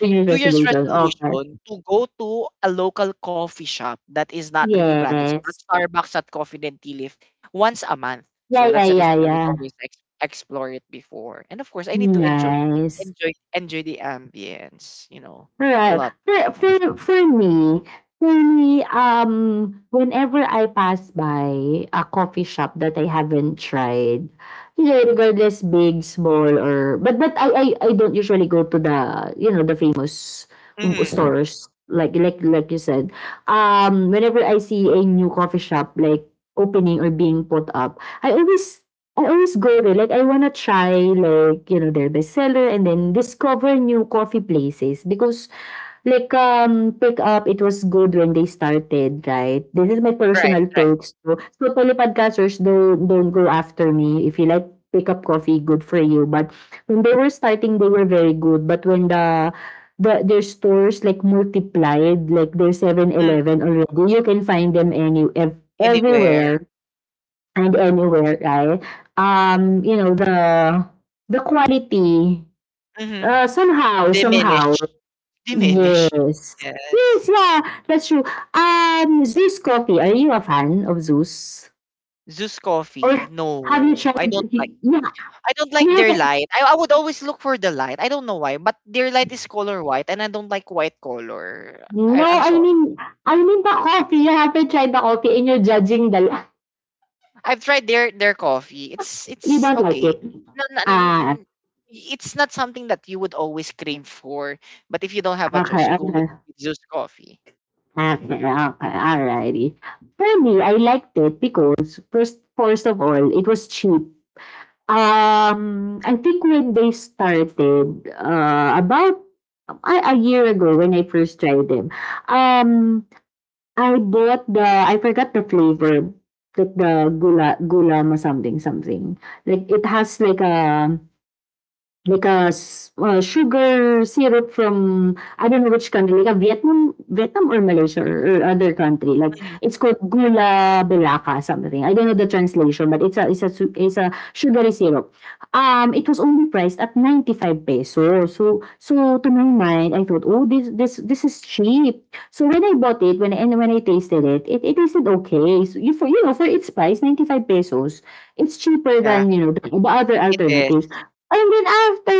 [SPEAKER 2] your
[SPEAKER 1] New Year's
[SPEAKER 2] resolution, okay.
[SPEAKER 1] resolution to go to a local coffee shop that is not really branded, so not
[SPEAKER 2] Yes.
[SPEAKER 1] Starbucks, at Coffee and Tea Leaf, once a month.
[SPEAKER 2] Yeah,
[SPEAKER 1] So
[SPEAKER 2] yeah,
[SPEAKER 1] that's the reason
[SPEAKER 2] yeah,
[SPEAKER 1] why I would
[SPEAKER 2] yeah.
[SPEAKER 1] always explore it before. And of course, I need to enjoy,
[SPEAKER 2] Nice.
[SPEAKER 1] enjoy, enjoy the ambience. You know, a
[SPEAKER 2] Right.
[SPEAKER 1] lot
[SPEAKER 2] For,
[SPEAKER 1] of times.
[SPEAKER 2] for, for me, for me, um, whenever I pass by a coffee shop that I haven't tried, regardless big, small, or but I don't usually go to the you know the famous
[SPEAKER 1] Hmm.
[SPEAKER 2] stores, like you said. Whenever I see a new coffee shop, like, opening or being put up, I always I always go there. Like, I wanna try, like, their bestseller and then discover new coffee places because, like, Pick Up, it was good when they started, right? This is my
[SPEAKER 1] Right,
[SPEAKER 2] personal
[SPEAKER 1] right.
[SPEAKER 2] take. So, poly podcasters, don't, don't go after me. If you like Pick Up Coffee, good for you. But when they were starting, they were very good. But when their stores like multiplied, like there's Seven
[SPEAKER 1] Mm,
[SPEAKER 2] Eleven already, you can find them
[SPEAKER 1] anywhere.
[SPEAKER 2] everywhere and anywhere, right? Um, you know, the the quality
[SPEAKER 1] Hmm.
[SPEAKER 2] somehow, somehow.
[SPEAKER 1] Diminish, diminish.
[SPEAKER 2] Yes.
[SPEAKER 1] Yes.
[SPEAKER 2] Yes, yeah, that's true. Zeus Coffee, are you a fan of Zeus?
[SPEAKER 1] Zeus coffee.
[SPEAKER 2] Or have you
[SPEAKER 1] No, I
[SPEAKER 2] tried?
[SPEAKER 1] don't like.
[SPEAKER 2] Yeah,
[SPEAKER 1] I don't
[SPEAKER 2] you
[SPEAKER 1] like their
[SPEAKER 2] haven't.
[SPEAKER 1] light. I would always look for the light. I don't know why, but their light is color white, and I don't like white color.
[SPEAKER 2] No,
[SPEAKER 1] I'm sorry.
[SPEAKER 2] I mean the coffee. You haven't tried the coffee, and you're judging the.
[SPEAKER 1] I've tried their coffee.
[SPEAKER 2] You
[SPEAKER 1] It's
[SPEAKER 2] don't like
[SPEAKER 1] okay.
[SPEAKER 2] it.
[SPEAKER 1] No, no,
[SPEAKER 2] Ah,
[SPEAKER 1] n- it's not something that you would always crave for, but if you don't have a
[SPEAKER 2] okay,
[SPEAKER 1] choice, you go
[SPEAKER 2] okay,
[SPEAKER 1] with Zeus coffee.
[SPEAKER 2] okay, okay, alrighty. For me, I liked it because first of all, it was cheap. I think when they started, about a year ago when I first tried them, um, I bought I forgot the flavor, like the gula or something. Like, it has like a, Like a s sugar syrup from I don't know which country, like a Vietnam Vietnam or Malaysia or other country, like
[SPEAKER 1] Mhm.
[SPEAKER 2] it's called Gula Belaka, something. I don't know the translation, but it's a sugary syrup. It was only priced at 95 pesos. So to my mind, I thought, "Oh, this is cheap." So when I bought it, when I tasted it, it tasted okay. So for you know, for its price, 95 pesos, it's cheaper
[SPEAKER 1] Yeah,
[SPEAKER 2] than, you know, the other
[SPEAKER 1] it is.
[SPEAKER 2] alternatives. And then after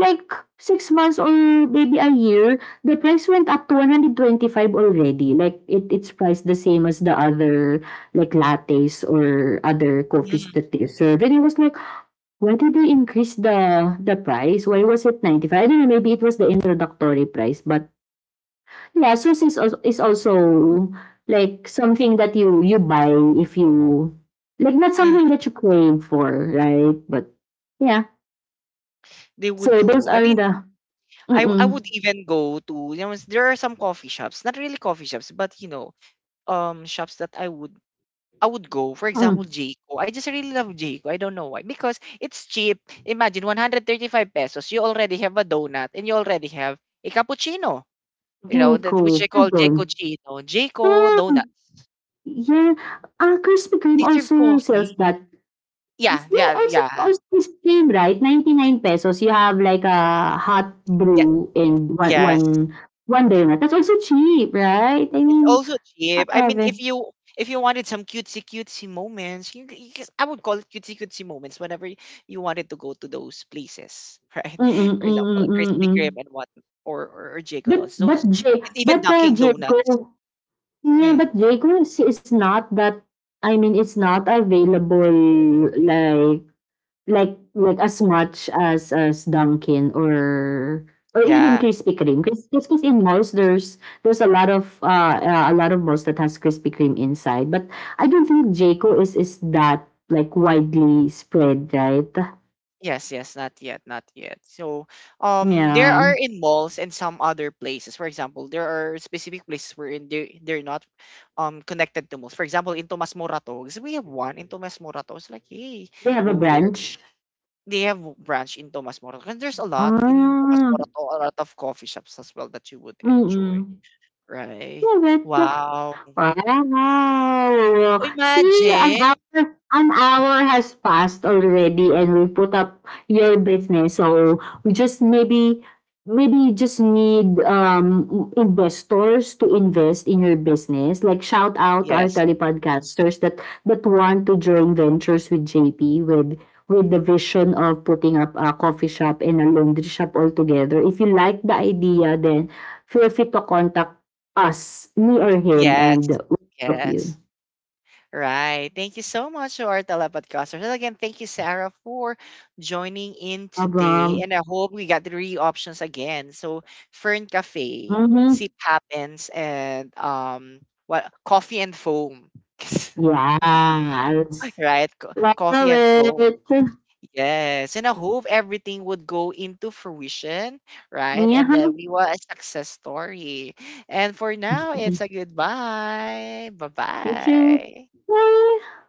[SPEAKER 2] like six months or maybe a year, the price went up to 125 already. It's priced the same as the other like lattes or other coffees
[SPEAKER 1] Mm,
[SPEAKER 2] that they serve. And it was like, why did they increase the price? Why was it 95? I don't know, maybe it was the introductory price. But yeah, Sus is also like something that you buy if you like, not
[SPEAKER 1] mm.
[SPEAKER 2] something that you crave for, right? But yeah.
[SPEAKER 1] They would
[SPEAKER 2] So those
[SPEAKER 1] do. I
[SPEAKER 2] are
[SPEAKER 1] mean,
[SPEAKER 2] the.
[SPEAKER 1] I would
[SPEAKER 2] Mm,
[SPEAKER 1] even go to, you know, there are some coffee shops, not really coffee shops, but you know, shops that I would go, for example,
[SPEAKER 2] mm.
[SPEAKER 1] Jayco. I just really love Jayco. I don't know why. Because it's cheap. Imagine 135 pesos. You already have a donut and you already have a cappuccino. You know, that which
[SPEAKER 2] Jiko,
[SPEAKER 1] I call Jayco
[SPEAKER 2] Luzon.
[SPEAKER 1] Chino. Jayco donut.
[SPEAKER 2] Hmm, yeah, ah, Krispy Kreme
[SPEAKER 1] They serve
[SPEAKER 2] also sells
[SPEAKER 1] coffee.
[SPEAKER 2] that.
[SPEAKER 1] Yeah,
[SPEAKER 2] They
[SPEAKER 1] yeah,
[SPEAKER 2] also
[SPEAKER 1] yeah.
[SPEAKER 2] also Krispy Kreme, right? 99 pesos you have like a hot
[SPEAKER 1] Yeah.
[SPEAKER 2] brew and
[SPEAKER 1] Yes.
[SPEAKER 2] one donut. That's also cheap, right? I
[SPEAKER 1] It's
[SPEAKER 2] mean,
[SPEAKER 1] also
[SPEAKER 2] I
[SPEAKER 1] cheap. I
[SPEAKER 2] love
[SPEAKER 1] mean,
[SPEAKER 2] it.
[SPEAKER 1] if you wanted some cutesy cutesy moments, you just- I would call it cutesy cutesy moments you wanted to go to those places, right?
[SPEAKER 2] Mm, mm,
[SPEAKER 1] For example,
[SPEAKER 2] mm.
[SPEAKER 1] like
[SPEAKER 2] Mm,
[SPEAKER 1] Krispy
[SPEAKER 2] mm.
[SPEAKER 1] Kreme and what, or Jacob Dons,
[SPEAKER 2] But
[SPEAKER 1] those,
[SPEAKER 2] J
[SPEAKER 1] and even
[SPEAKER 2] but, ah,
[SPEAKER 1] Dunkin' Donuts.
[SPEAKER 2] Jiko, yeah,
[SPEAKER 1] Mm,
[SPEAKER 2] but Jiko is not that, I mean, it's not available like. Like like as much as Dunkin' or even
[SPEAKER 1] yeah.
[SPEAKER 2] Krispy Kreme, because because in malls there's there's a lot of malls that has Krispy Kreme inside, but I don't think JCO is that, like, widely spread, right?
[SPEAKER 1] Yes, yes, not yet, not yet. So, there
[SPEAKER 2] Yeah.
[SPEAKER 1] are in malls and some other places. For example, there are specific places wherein they're not, connected to malls. For example, in Tomas Morato, because we have one in Tomas Morato. It's like, hey,
[SPEAKER 2] They have a
[SPEAKER 1] go there.
[SPEAKER 2] branch?
[SPEAKER 1] They have branch in Tomas Morato, and there's a lot in Tomas
[SPEAKER 2] Ah,
[SPEAKER 1] Morato, a lot of coffee shops as well that you would enjoy.
[SPEAKER 2] mm.
[SPEAKER 1] Right?
[SPEAKER 2] Love it.
[SPEAKER 1] Wow.
[SPEAKER 2] Wow! See,
[SPEAKER 1] Imagine.
[SPEAKER 2] an hour has passed already and we put up your business. So we just maybe maybe you just need investors to invest in your business. Like shout out our
[SPEAKER 1] Yes.
[SPEAKER 2] telepodcasters that want to join ventures with JP with the vision of putting up a coffee shop and a laundry shop all together. If you like the idea, then feel free to contact us, me or him,
[SPEAKER 1] Yes.
[SPEAKER 2] and we'll help you.
[SPEAKER 1] Yes. Right. Thank you so much to our telepodcasters. And again, thank you, Sarah, for joining in today.
[SPEAKER 2] Problem.
[SPEAKER 1] And I hope we got three options again. So Fern Cafe,
[SPEAKER 2] Mm-hmm.
[SPEAKER 1] Sip Happens, and what coffee and foam.
[SPEAKER 2] Yes.
[SPEAKER 1] Right? Coffee
[SPEAKER 2] Love
[SPEAKER 1] and foam.
[SPEAKER 2] it.
[SPEAKER 1] Yes. And I hope everything would go into fruition, right?
[SPEAKER 2] Yeah.
[SPEAKER 1] And that we were a success story. And for now, it's a goodbye. Bye
[SPEAKER 2] Thank you.
[SPEAKER 1] bye.
[SPEAKER 2] Bye.